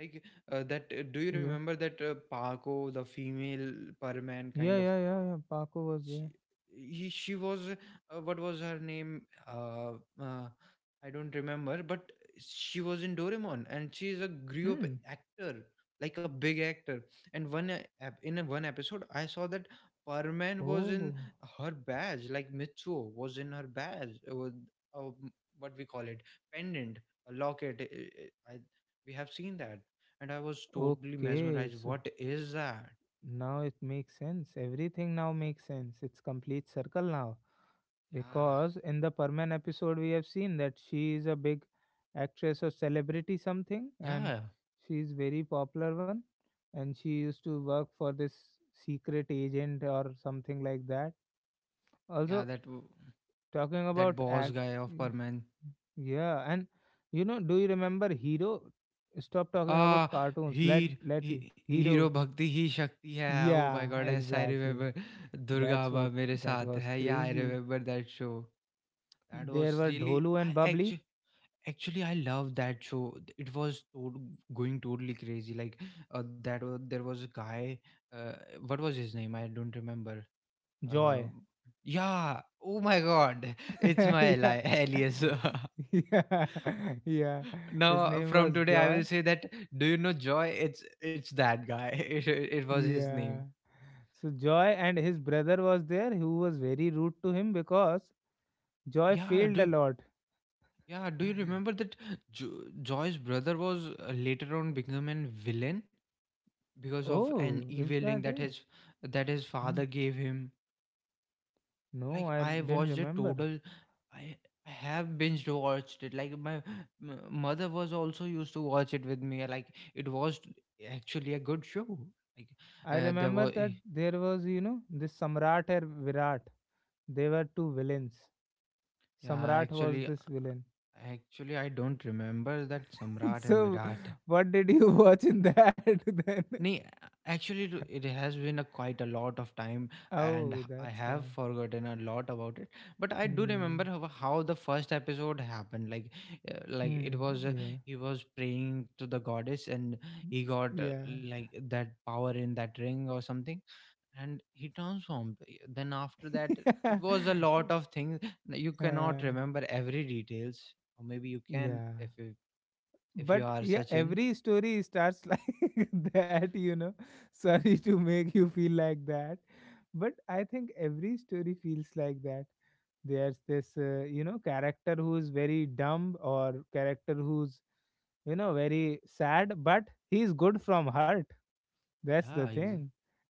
like that do you yeah, remember that Paco the female Perman yeah, kind of, yeah, yeah, yeah. Paco was she, there. She was what was her name? uh, uh, I don't remember, but she was in Doraemon, and she is a grew up Hmm. actor, like a big actor. And one in a one episode I saw that Parman was in Oh. her badge, like mitsuo was in her badge with uh, what we call it, pendant, a locket, I, we have seen that, and I was totally Okay, mesmerized. so What is that? now it makes sense. Everything now makes sense. It's complete circle now. Yeah. Because in the Perman episode, we have seen that she is a big actress or celebrity something, and yeah she is very popular one. And she used to work for this secret agent or something like that. yeah, Also, that, talking that about boss guy of Perman. yeah, and, do you remember Hero? Stop talking about Ah, cartoons. Let let's see. he hero Hero. bhakti ही शक्ति है. Oh my Yeah, God, yes, I exactly. remember. Durga That's Ma what, मेरे that साथ was है. Yeah, I crazy. remember that show. That There was were really. Dholu I and Bubbly. actually. Actually, I love that show. It was going totally crazy. Like there was a guy. Uh, what was his name? I don't remember. Joy. Um yeah. Oh my God, [laughs] it's [laughs] my Yeah. Alias. [laughs] [laughs] Yeah. Yeah. His Now, name from was today, I Joy. will say that. Do you know Joy? It's that guy. [laughs] It was his name. Yeah. So Joy and his brother was there, who was very rude to him, because Joy Yeah. failed a Do lot. Yeah. Do you remember that Joy's brother was later on become a villain because of an Oh, is evil link that that it? his, that his Hmm. father gave him. No, Like I I didn't watched a remember. total. I I have binged watched it. Like my mother was also used to watch it with me. Like it was actually a good show. Like I there remember was. that there was, this Samrat and Virat. They were two villains. Yeah, Samrat was actually, this villain. actually, I don't remember that [laughs] Samrat and So, Virat. what did you [laughs] watch in that [laughs] then? Nee, actually, it has been a quite a lot of time, and Oh, I that's have why. forgotten a lot about it. But I do remember Hmm. how the first episode happened. Like Hmm. it was Yeah. he was praying to the goddess, and he got Yeah. like that power in that ring or something, and he transformed. Then after that, it was a [laughs] lot of things. You cannot Yeah. Remember every details, or maybe you can Yeah. if you, if But you are yeah, Sachin. every story starts [laughs] like that. Sorry to make you feel like that, but I think every story feels like that. There's this character who's very dumb, or character who's, very sad, but he's good from heart. That's the Yeah, exa- thing.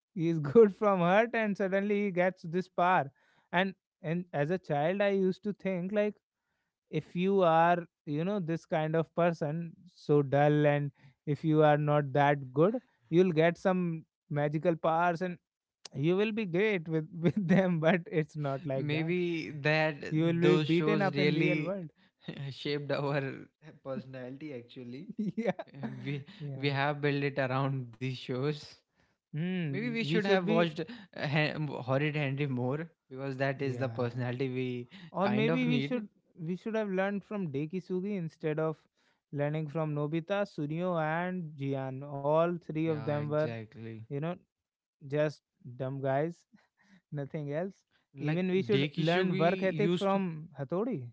He's [laughs] good from heart, and suddenly he gets this power. And as a child, I used to think like, if you are, this kind of person, so dull, and if you are not that good, you'll get some magical powers, and you will be great with [laughs] with them, but it's not like that. Maybe You will that be those beaten shows up in real really world. [laughs] shaped our personality actually. [laughs] Yeah, Uh, we yeah. we have built it around these shows. Maybe we Mm, we should should have be. watched horrid henry more, because that is the Yeah, personality we or kind maybe of we need. should we should have learned from Dekisugi, instead of learning from Nobita, Sunio and Jian. All three of Yeah, them were, exactly. you know just dumb guys. [laughs] Nothing else. Like Even we should learn work Dekisugi ethic used to, from Hathodi.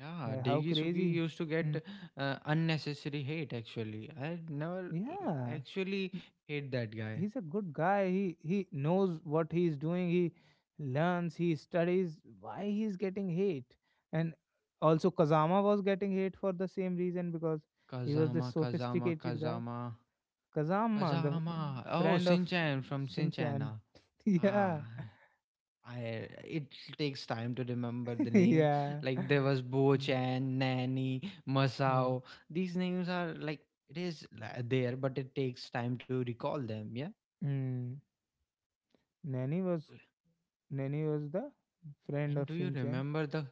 yeah, Like, how Dekisugi crazy. used to Hmm. get unnecessary hate actually. I never Yeah. actually M- hate that guy. He's a good guy. He knows what he's doing. He learns, he studies, why he's getting hate. And also Kazama was getting hate for the same reason, because he was this Kazama, Kazama, sophisticated guy. Kazama, Kazama, the Kazama. Oh, friend of Sinchan from Sinchan. Shinchan. [laughs] Yeah. ah, it takes time to remember the [laughs] name. Yeah. Like there was Bo-chan, Nanny, Yeah. Masao. These names are like, there, but it takes time to recall them. Yeah. Mm, Nani was Nani was the friend And of do you Shinchan. remember the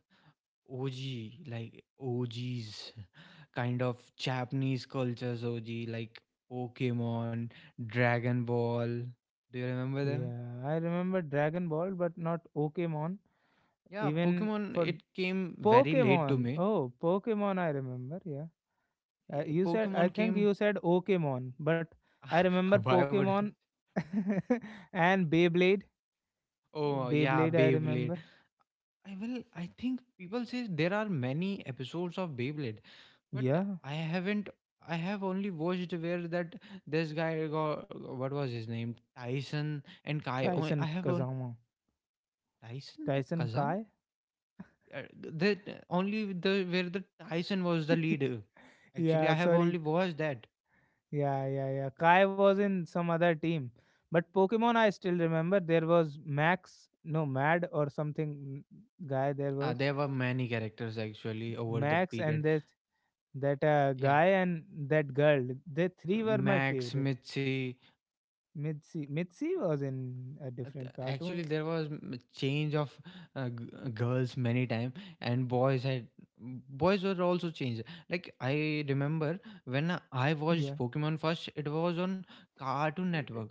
OG, like OGs, [laughs] kind of Japanese cultures OG, like Pokemon, Dragon Ball. Do you remember them? Yeah, I remember Dragon Ball, but not Pokemon. Yeah, Even Pokemon, for it came very late to Pokemon, me. oh Pokemon, I remember. Yeah, you said, I Pokemon think came, you said Pokemon, but I remember [laughs] why would I? Pokemon [laughs] and Beyblade. Oh, yeah, Beyblade, I Beyblade. remember. I think people say there are many episodes of Beyblade, but Yeah, I haven't. I have only watched where that this guy got what was his name Tyson and Kai. Only- Tyson I have Kazama, Tyson Tyson Kazam? Kai. The Tyson was the lead. [laughs] Actually, Yeah, I have sorry. only watched that. Yeah, yeah, yeah. Kai was in some other team. But Pokemon, I still remember there was Max, no, Mad or something, guy there was. There were many characters actually over that Max period. and that Yeah, guy and that girl. They three were my Max, favorite. Mitzi. Mitzi. Mitzi was in a different cartoon. Actually, there was change of girls many time, and boys were also changed. Like I remember when I watched Yeah. Pokemon first, it was on Cartoon [coughs] Network.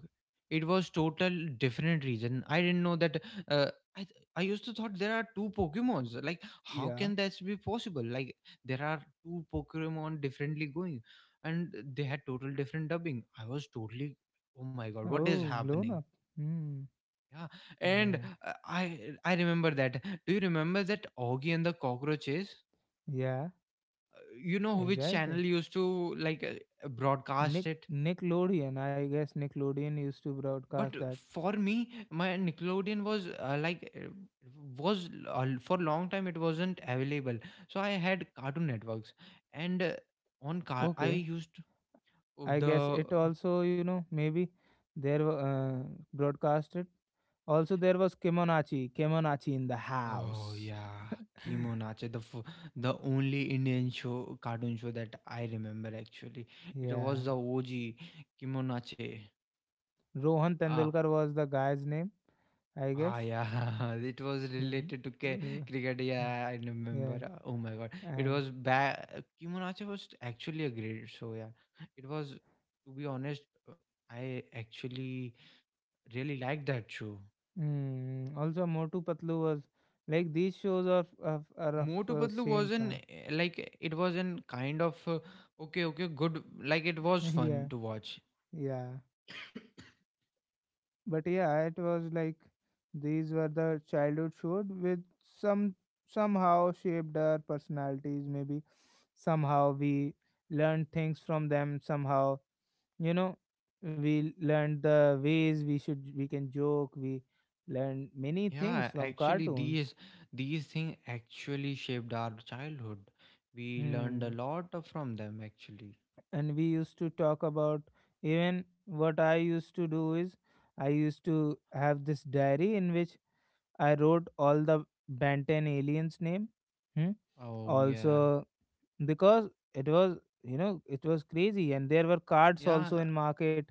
It was total different region. I didn't know that. Uh, I used to thought there are two Pokemons. Like how Yeah. can that be possible? Like there are two Pokemon differently going, and they had total different dubbing. I was totally, oh my god, what is Oh, blown happening? up. Hmm. Yeah, and Yeah. I remember that. Do you remember that Augie and the Cockroaches? Yeah. You know which Exactly. channel used to broadcast Nick it. Nickelodeon. I guess Nickelodeon used to But broadcast that. for me, my Nickelodeon was for long time it wasn't available. So I had Cartoon Networks, and on car I Okay. used I guess the it also, maybe there were broadcasted. Also, there was Kemonachi, Kemonachi in the Oh house. yeah, [laughs] Kimo Nacho, the only Indian show cartoon show that I remember actually. It was Yeah, the OG Kimo Nacho. Rohan Uh, Tendulkar was the guy's name, I guess. yeah, [laughs] it was R- related to r- cricket. Yeah, I yeah, remember. Oh my God, it and was bad. Kimo Nacho was actually a great show. Yeah, it was. To be honest, uh, I actually really liked that show. Also Motu Patlu was like these shows are of, are of Motu uh, Patlu same wasn't kind. Like it was an kind of okay, okay, good. Like it was [laughs] fun Yeah, to watch. yeah. But yeah, it was like these were the childhood shows which somehow shaped our personalities, maybe somehow we learned things from them somehow. you know we learned the ways we can joke. We learned many things Yeah, from actually, cartoons. these things actually shaped our childhood. We learned a Hmm. lot of- from them actually. And we used to talk about, even what I used to do is, I used to have this diary in which I wrote all the Ben aliens name. Hmm? Oh yeah, Also, because it was, it was crazy, and there were cards yeah, also in market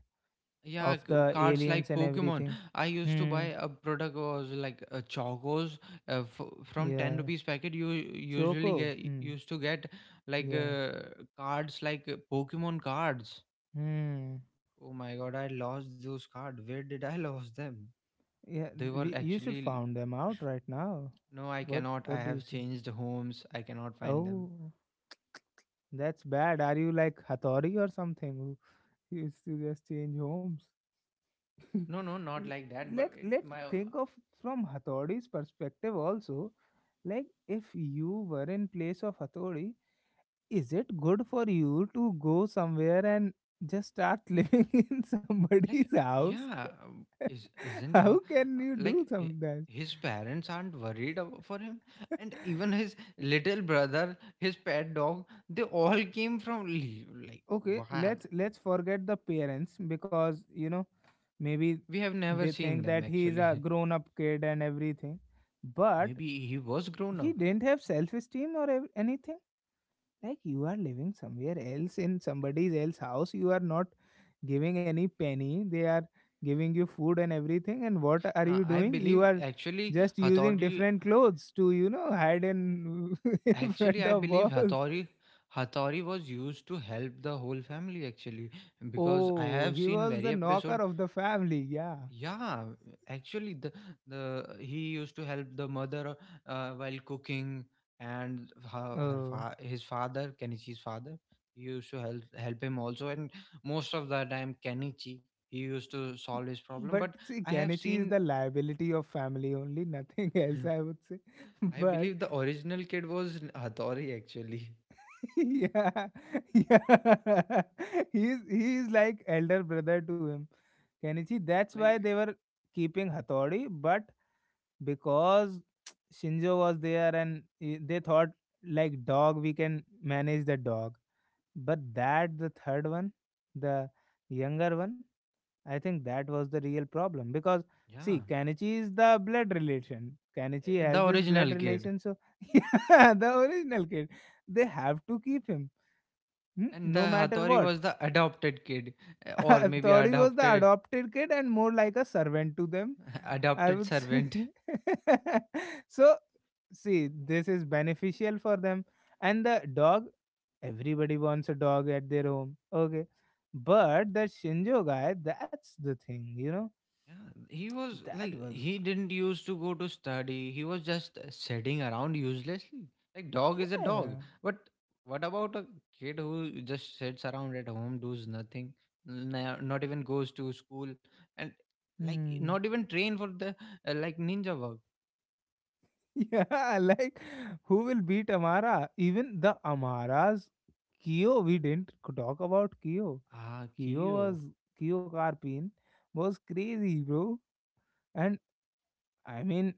yeah. of the Cards aliens like and Pokemon. everything. I used to buy Hmm. a product was like a Chocos from ten Yeah. rupees packet. You usually Choco. get Hmm. used to get like Yeah. uh, cards Pokemon cards. Hmm. Oh my god, I lost those cards. Where did I [laughs] lost them? Yeah. They were You should actually found them out right now. No, I What cannot. I What do you have say? changed homes. I cannot find them. Oh, that's bad. Are you like Hathori or something? [laughs] Who used to just change homes? [laughs] No, no, not like that. let But it, let my think of from Hathaudi's perspective also. Like, if you were in place of Hathodi, is it good for you to go somewhere and just start living [laughs] in somebody's like house? yeah, is [laughs] isn't her How uh, can you like do hi- some that? his parents aren't worried for him, and [laughs] even his little brother, his pet dog, they all came from like Okay, what? let's forget the parents because, you know, maybe We have never they seen think them that he is actually. a grown up kid and everything, [laughs] but Maybe he was grown he up. didn't have self esteem or anything. Like, you are living somewhere else in somebody else's house. You are not giving any penny. They are giving you food and everything. And what are Now, you I doing? You believe are actually just using Hathauti different clothes to, you know, hide in [laughs] in Actually, front I of believe walls. Hatori was used to help the whole family actually because I Oh, have he seen was very the episode. knocker of the family, yeah. Yeah, actually the he used to help the mother while cooking, and Oh, his father Kenichi's father, he used to help him also, and most of the time Kenichi he used to solve his problem, but but see, I have Kenichi is seen. the liability of family, only nothing [laughs] else, I [laughs] would say. [laughs] I But believe the original kid was Hatori actually, [laughs] yeah, [laughs] yeah. [laughs] He's like elder brother to him. Kenichi. That's why like they were keeping Hattori, but because [tsk] Shinjo was there, and they thought, like, dog, we can manage the dog. But that, the third one, the younger one, I think that was the real problem. Because yeah, see, Kanichi is the blood relation. Kanichi the has this blood original kid, relation, so [laughs] yeah, the original kid. They have to keep him. Hmm, and the no matter hatori what. was the adopted kid, [laughs] or I maybe thought he was the adopted. adopted kid and more like a servant to them, [laughs] I Adopted would say. servant. [laughs] So, see, this is beneficial for them. And the dog, everybody wants a dog at their home. Okay. But that Shinjo guy, that's the thing, you know? Yeah, he was That like was, he didn't used to go to study. He was just sitting around uselessly, like dog is a dog, yeah. but what about a kid who just sits around at home, does nothing, not even goes to school, and like Hmm. not [laughs] even train for the like ninja work. Yeah, like, who will beat Amara? Even the Amara's Kyo, we didn't talk about Kyo. Kyo Kiyo. was Kyo Carpine was crazy, bro. And I mean,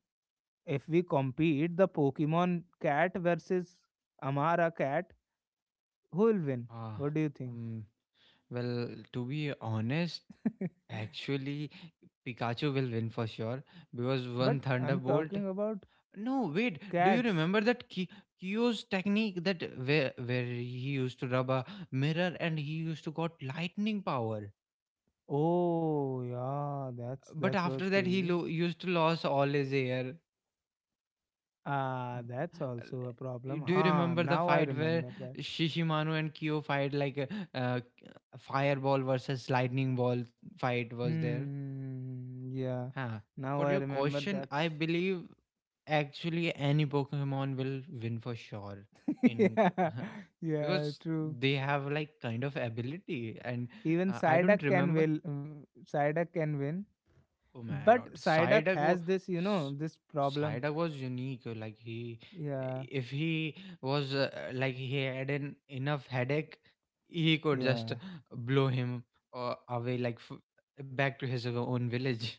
if we compete the Pokemon cat versus Amara cat, who will win? ah What do you think? um, Well, to be honest, [laughs] actually, Pikachu will win for sure because But one I'm Thunderbolt. talking about No, wait. Do you cats. remember that Kyo's technique that where he used to rub a mirror and he used to got lightning power? Oh yeah, But that was after that, he crazy. Used to lose all his hair. Ah, that's Uh, also a problem. Do you Huh, remember the now I fight where remember that. Shishimanu and Kyo fight like a, a fireball versus lightning ball fight was there? Hmm, yeah. Huh. Now For I your remember question, that. I believe actually any Pokemon will win for sure [laughs] in Yeah, c- [laughs] yeah, because true. they have like kind of ability and Even I don't remember. Psyduck can win, Oh my god, but Psyduck has this, this problem. Psyduck was unique. Like he, Yeah, if he was like he had an enough headache, he could just yeah, blow him away like back to his own village.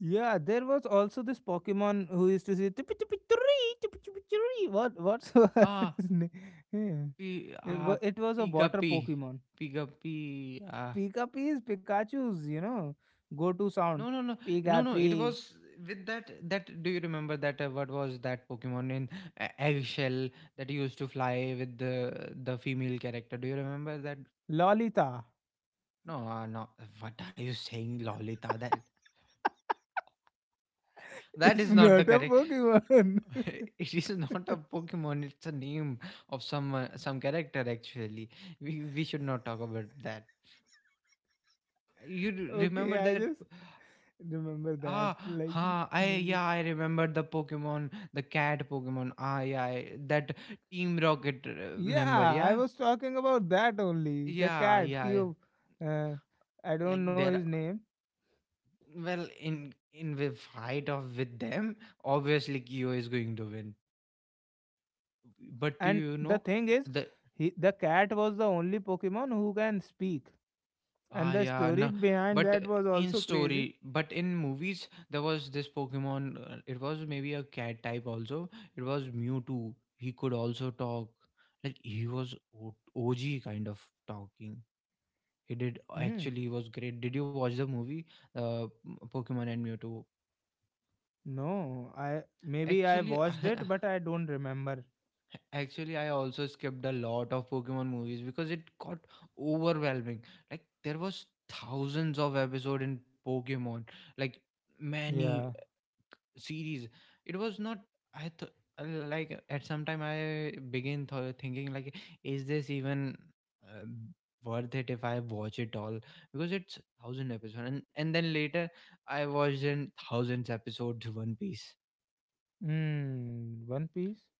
yeah. There was also this Pokemon who used to say, "Tupi, tupi, turri, tupi, tupi, turri." What's [laughs] Ah, his name? Yeah. P It was a water Pigapi. Pokemon. Pigapi uh Pikapi is Pikachu's, you know, go-to no, sound. no, no, no, no, it Pikapi, was with that, do you remember that what was that Pokemon in eggshell that used to fly with the female character? Do you remember that? Lolita. No, no. What are you saying, Lolita? That [laughs] that It's is not the not a correct. Pokemon. [laughs] It is not a [laughs] Pokemon. It's a name of some character. Actually, we should not talk about that. You r- Okay, remember I that just remember that. Ah, Like maybe. I remember the Pokemon, the cat Pokemon. Ah, yeah, I- that Team Rocket member. Yeah, I Yeah, was talking about that only. The yeah, cat, yeah. Kyo, uh, I Like don't know his there, name. well, in the fight of with them, obviously Kyo is going to win. But do And you the know thing is, the he the cat was the only Pokemon who can speak. Ah, And the yeah, no. story behind But that was in also story, crazy. but in movies, there was this Pokemon. It was maybe a cat type also. It was Mewtwo. He could also talk. Like he was OG kind of talking. He did Hmm. actually he was great. Did you watch the movie, Pokemon and Mewtwo? No, I maybe I Actually, watched it, but I don't remember. [laughs] actually, I also skipped a lot of Pokemon movies because it got overwhelming. Like there was thousands of episode in Pokemon. Like many Yeah. series, it was not. I thought Like at some time, I begin thinking like is this even uh, worth it if I watch it all because it's thousand episode, and then later I watched in thousands episodes [laughs] one piece. Hmm. One Piece.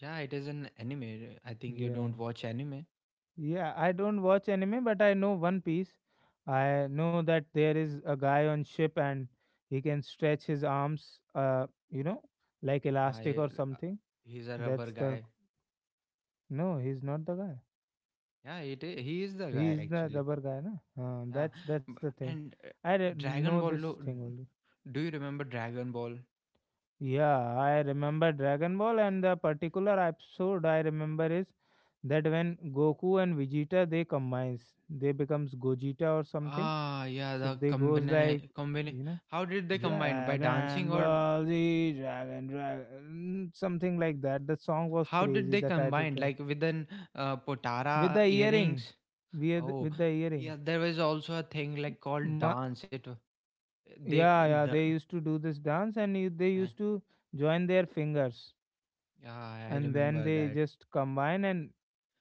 Yeah, it is an anime. I think you Yeah. don't watch anime. Yeah, I don't watch anime, but I know One Piece. I know that there is a guy on ship, and he can stretch his arms, you know, like elastic I or something. He's a rubber That's the guy. No, he's not the guy. Yeah, it is, he is the He guy is the actually. rubber guy, na? Yeah That's the B- thing. and dragon Know ball this lo- thing only. Do you remember dragon ball? Yeah, I remember Dragon Ball, and the particular episode I remember is that when Goku and Vegeta they combines, they becomes Gogeta or something. Ah, yeah, So the they goes like, combine. you know, How did they combine, by Dragon dancing, or Ball Z, Dragon, something like that. The song was how did crazy. they The title combine track like with an with potara the earring, earrings? with Oh, the earring. yeah, there was also a thing like called Ma- dance. It wa- they yeah, yeah. the They used to do this dance, and they I, used to join their fingers, Yeah, I and then remember they that. just combine, and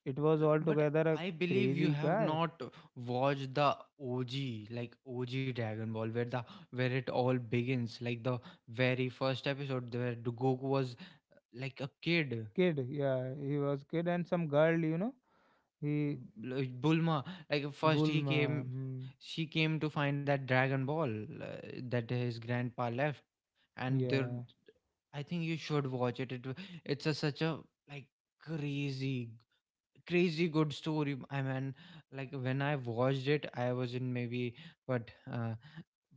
it was But altogether a I believe you crazy have guy, not watched the OG, like OG Dragon Ball, where the where it all begins, like the very first episode where Goku was like a kid. kid. Yeah, he was kid, and some girl, you know, he Bulma, like first he Bulma. came, Hmm, she came to find that Dragon Ball, uh, that his grandpa left, and there, yeah. I think you should watch it. It's a such a like crazy, crazy good story. I mean, like when I watched it, I was in maybe what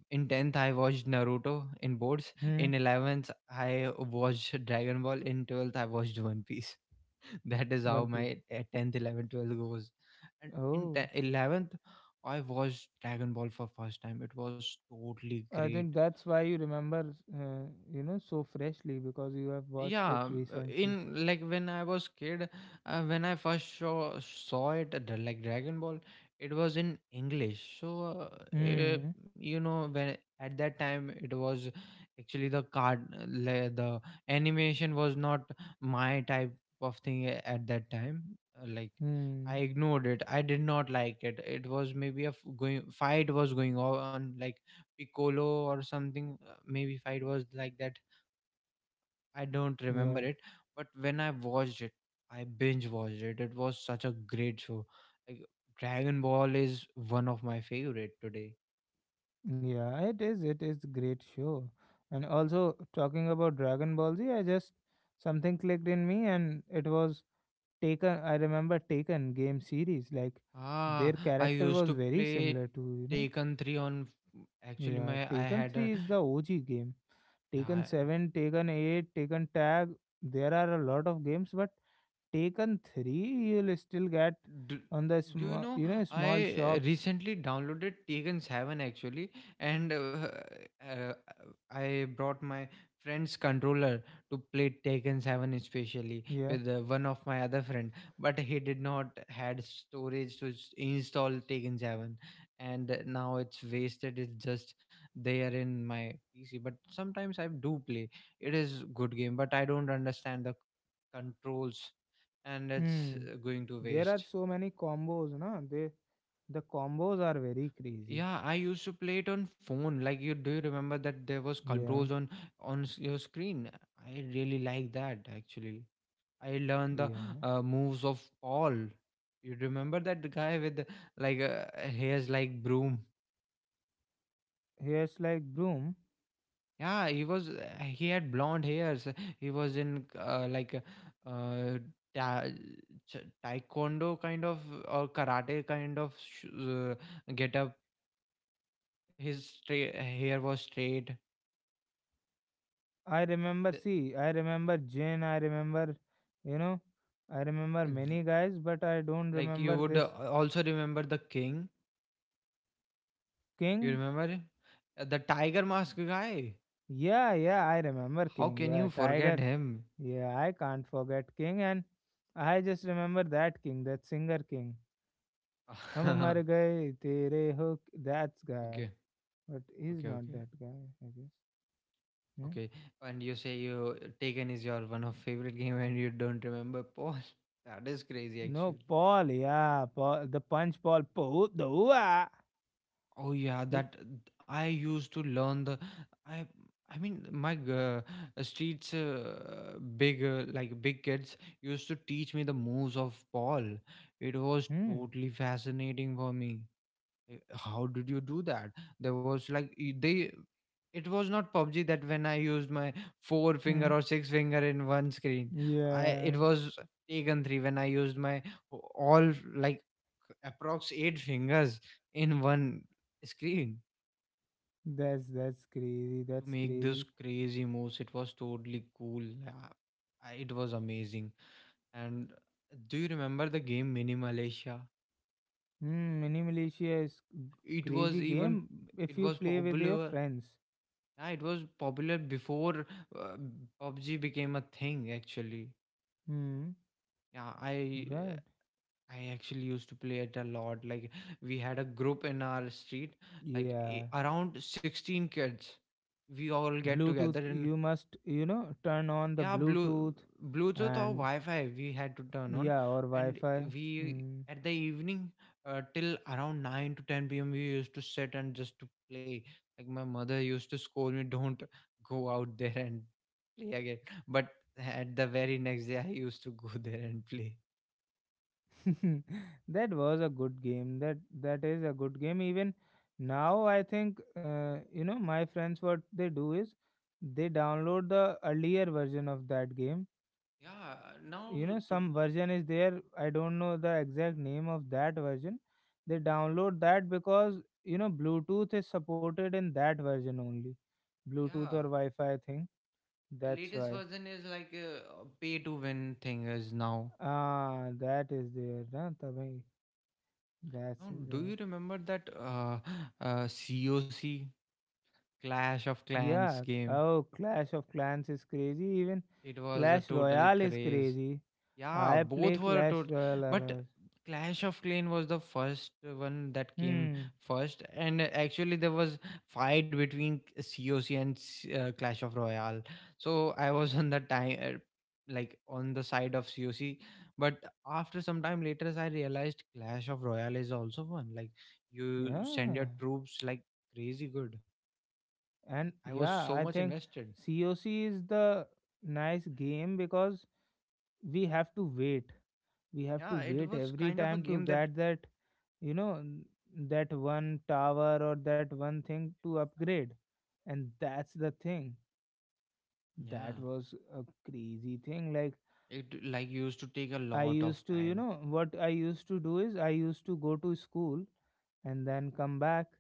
in tenth I watched Naruto in boards. Hmm. In 11th I watched Dragon Ball. In 12th I watched One Piece. [laughs] That is how One Piece. my 10th 11th 12th goes. And in Oh, 10th, 11th I watched dragon ball for first time. It was totally I think great. that's why you remember, you know, so freshly, because you have watched it Yeah, recently. in like when I was kid, when I first saw it at the, like dragon ball, it was in english. So eh, Hmm. you know when at that time it was actually the card, the animation was not my type of thing at that time. Like I Hmm. ignored it, I did not like it. It was maybe a going fight was going on, like piccolo or something. Maybe fight was like that. I don't remember Yeah. it, but when I watched it, I binge watched it. It was such a great show. Like Dragon Ball is one of my favorite today. Yeah. It is. It is great show. And also talking about Dragon Ball Z, I just something clicked in me, and it was taken. I remember Taken game series. Like, Ah, their I character used was to very play similar to, you know. Taken 3 on actually Yeah. my I Taken had three a is the OG game. Taken yeah seven, Taken eight, Taken Tag. There are a lot of games, but Taken 3, you'll still get Do, on the do you small, know you know, small I shops. recently downloaded Tekken 7 actually, and uh, I brought my friend's controller to play Tekken 7 especially Yeah. with one of my other friend, but he did not had storage to install Tekken 7, and now it's wasted. It's just there in my PC, but sometimes I do play. It is good game, but I don't understand the controls, and it's Hmm. Going to There are waste. so many combos, na? The combos are very crazy. Yeah, I used to play it on phone. Like you, do you remember that there was Yeah. controls on your screen? I really like that actually. I learned the Yeah. Moves of Paul. You remember that guy with the, like uh, hairs like broom? Here's like broom. Yeah, he was he had blonde hairs. He was in uh, ta- taekwondo kind of or karate kind of uh, get up. His hair was straight. I remember. See, I remember Jane. I remember, you know, I remember many guys, but I don't Like you remember would this. also remember the king. You King. remember him? The tiger mask guy. Yeah. Yeah. I remember How King. can Yeah. you forget Tiger. him? Yeah. I can't forget King and. I just remember that king, that singer king. [laughs] हम Okay, हमारे गए तेरे हो, that's guy, but he's okay, not okay, that guy, I guess. Hmm? okay. And you say you Taken is your one of favorite game, and you don't remember Paul. [laughs] That is crazy, No. actually. Paul, yeah, Paul the punch, Paul Po, the wah. Oh yeah, He- that I used to learn the I I mean my streets big like big kids used to teach me the moves of ball. It was hmm. totally fascinating for me. How did you do that? There was like y- they It was not PUBG that when I used my four finger Hmm. or six finger in one screen. I It Yeah, was Taken 3 when I used my all like approx eight fingers in one screen that's crazy, to that's make those crazy. crazy moves. It was totally cool. Yeah, It was amazing. And do you remember the game Mini Malaysia? Hmm. Mini militia is It crazy was game even if it you was play with your popular. friends. Yeah, it was popular before uh, PUBG became a thing actually. Hmm. Yeah, Right, I actually used to play it a lot. Like we had a group in our street, like yeah. Around 16 kids. We all get together Bluetooth, and you must, you know, turn on the yeah, Bluetooth. Bluetooth or And Wi-Fi we had to turn on, yeah, or and Wi-Fi. we Hmm. at the evening till around 9 to 10 p.m. we used to sit and just to play. Like my mother used to scold me, don't go out there and play again. But at the very next day, I used to go there and play. [laughs] That was a good game. That is a good game. Even now, I think, you know, my friends. What they do is they download the earlier version of that game. Yeah, now You know, to some version is there. I don't know the exact name of that version. They download that because, you know, Bluetooth is supported in that version only. yeah, Bluetooth or Wi-Fi thing. That's latest why. version is like pay to win thing is now. Ah, that is there. Na? Tabhi, that's Now, do there. you remember that [gasps] COC Clash of Clans Yeah. game? Oh, Clash of Clans is crazy. Even It was a Clash total Royale is craze. crazy. Yeah, I play both were Clash tot Royale. But Clash of Clan was the first one that came Hmm. first, and actually there was fight between COC and Clash of Royale. So I was on the time, like on the side of COC. But after some time later, I realized Clash of Royale is also one. Like you send Yeah. your troops like crazy good. And I was so yeah, I much think invested. COC is the nice game because we have to wait. We have Yeah, to it wait was every kind of a time to game that get that, you know, n- that one tower or that one thing to upgrade. And that's the thing. yeah, That was a crazy thing. Like, it like used to take a I lot of used to, you time. know, what I used to do is I used to go to school and then come back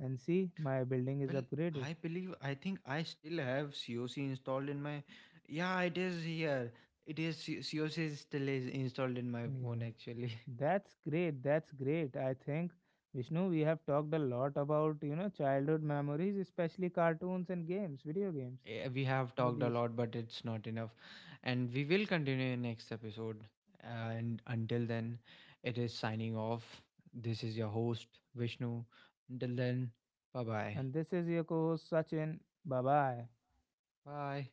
and see my building is Well, upgraded. I believe I think I still have COC installed in my yeah, it is here. It is COC is still is installed in my Yeah. phone actually. [laughs] That's great. That's great. I think, Vishnu, we have talked a lot about, you know, childhood memories, especially cartoons and games, video games. We have What do talked a you say? lot, but it's not enough. And we will continue in next episode. And until then, it is signing off. This is your host, Vishnu. Until then, bye-bye. And this is your co host, Sachin. Bye bye. Bye. Bye.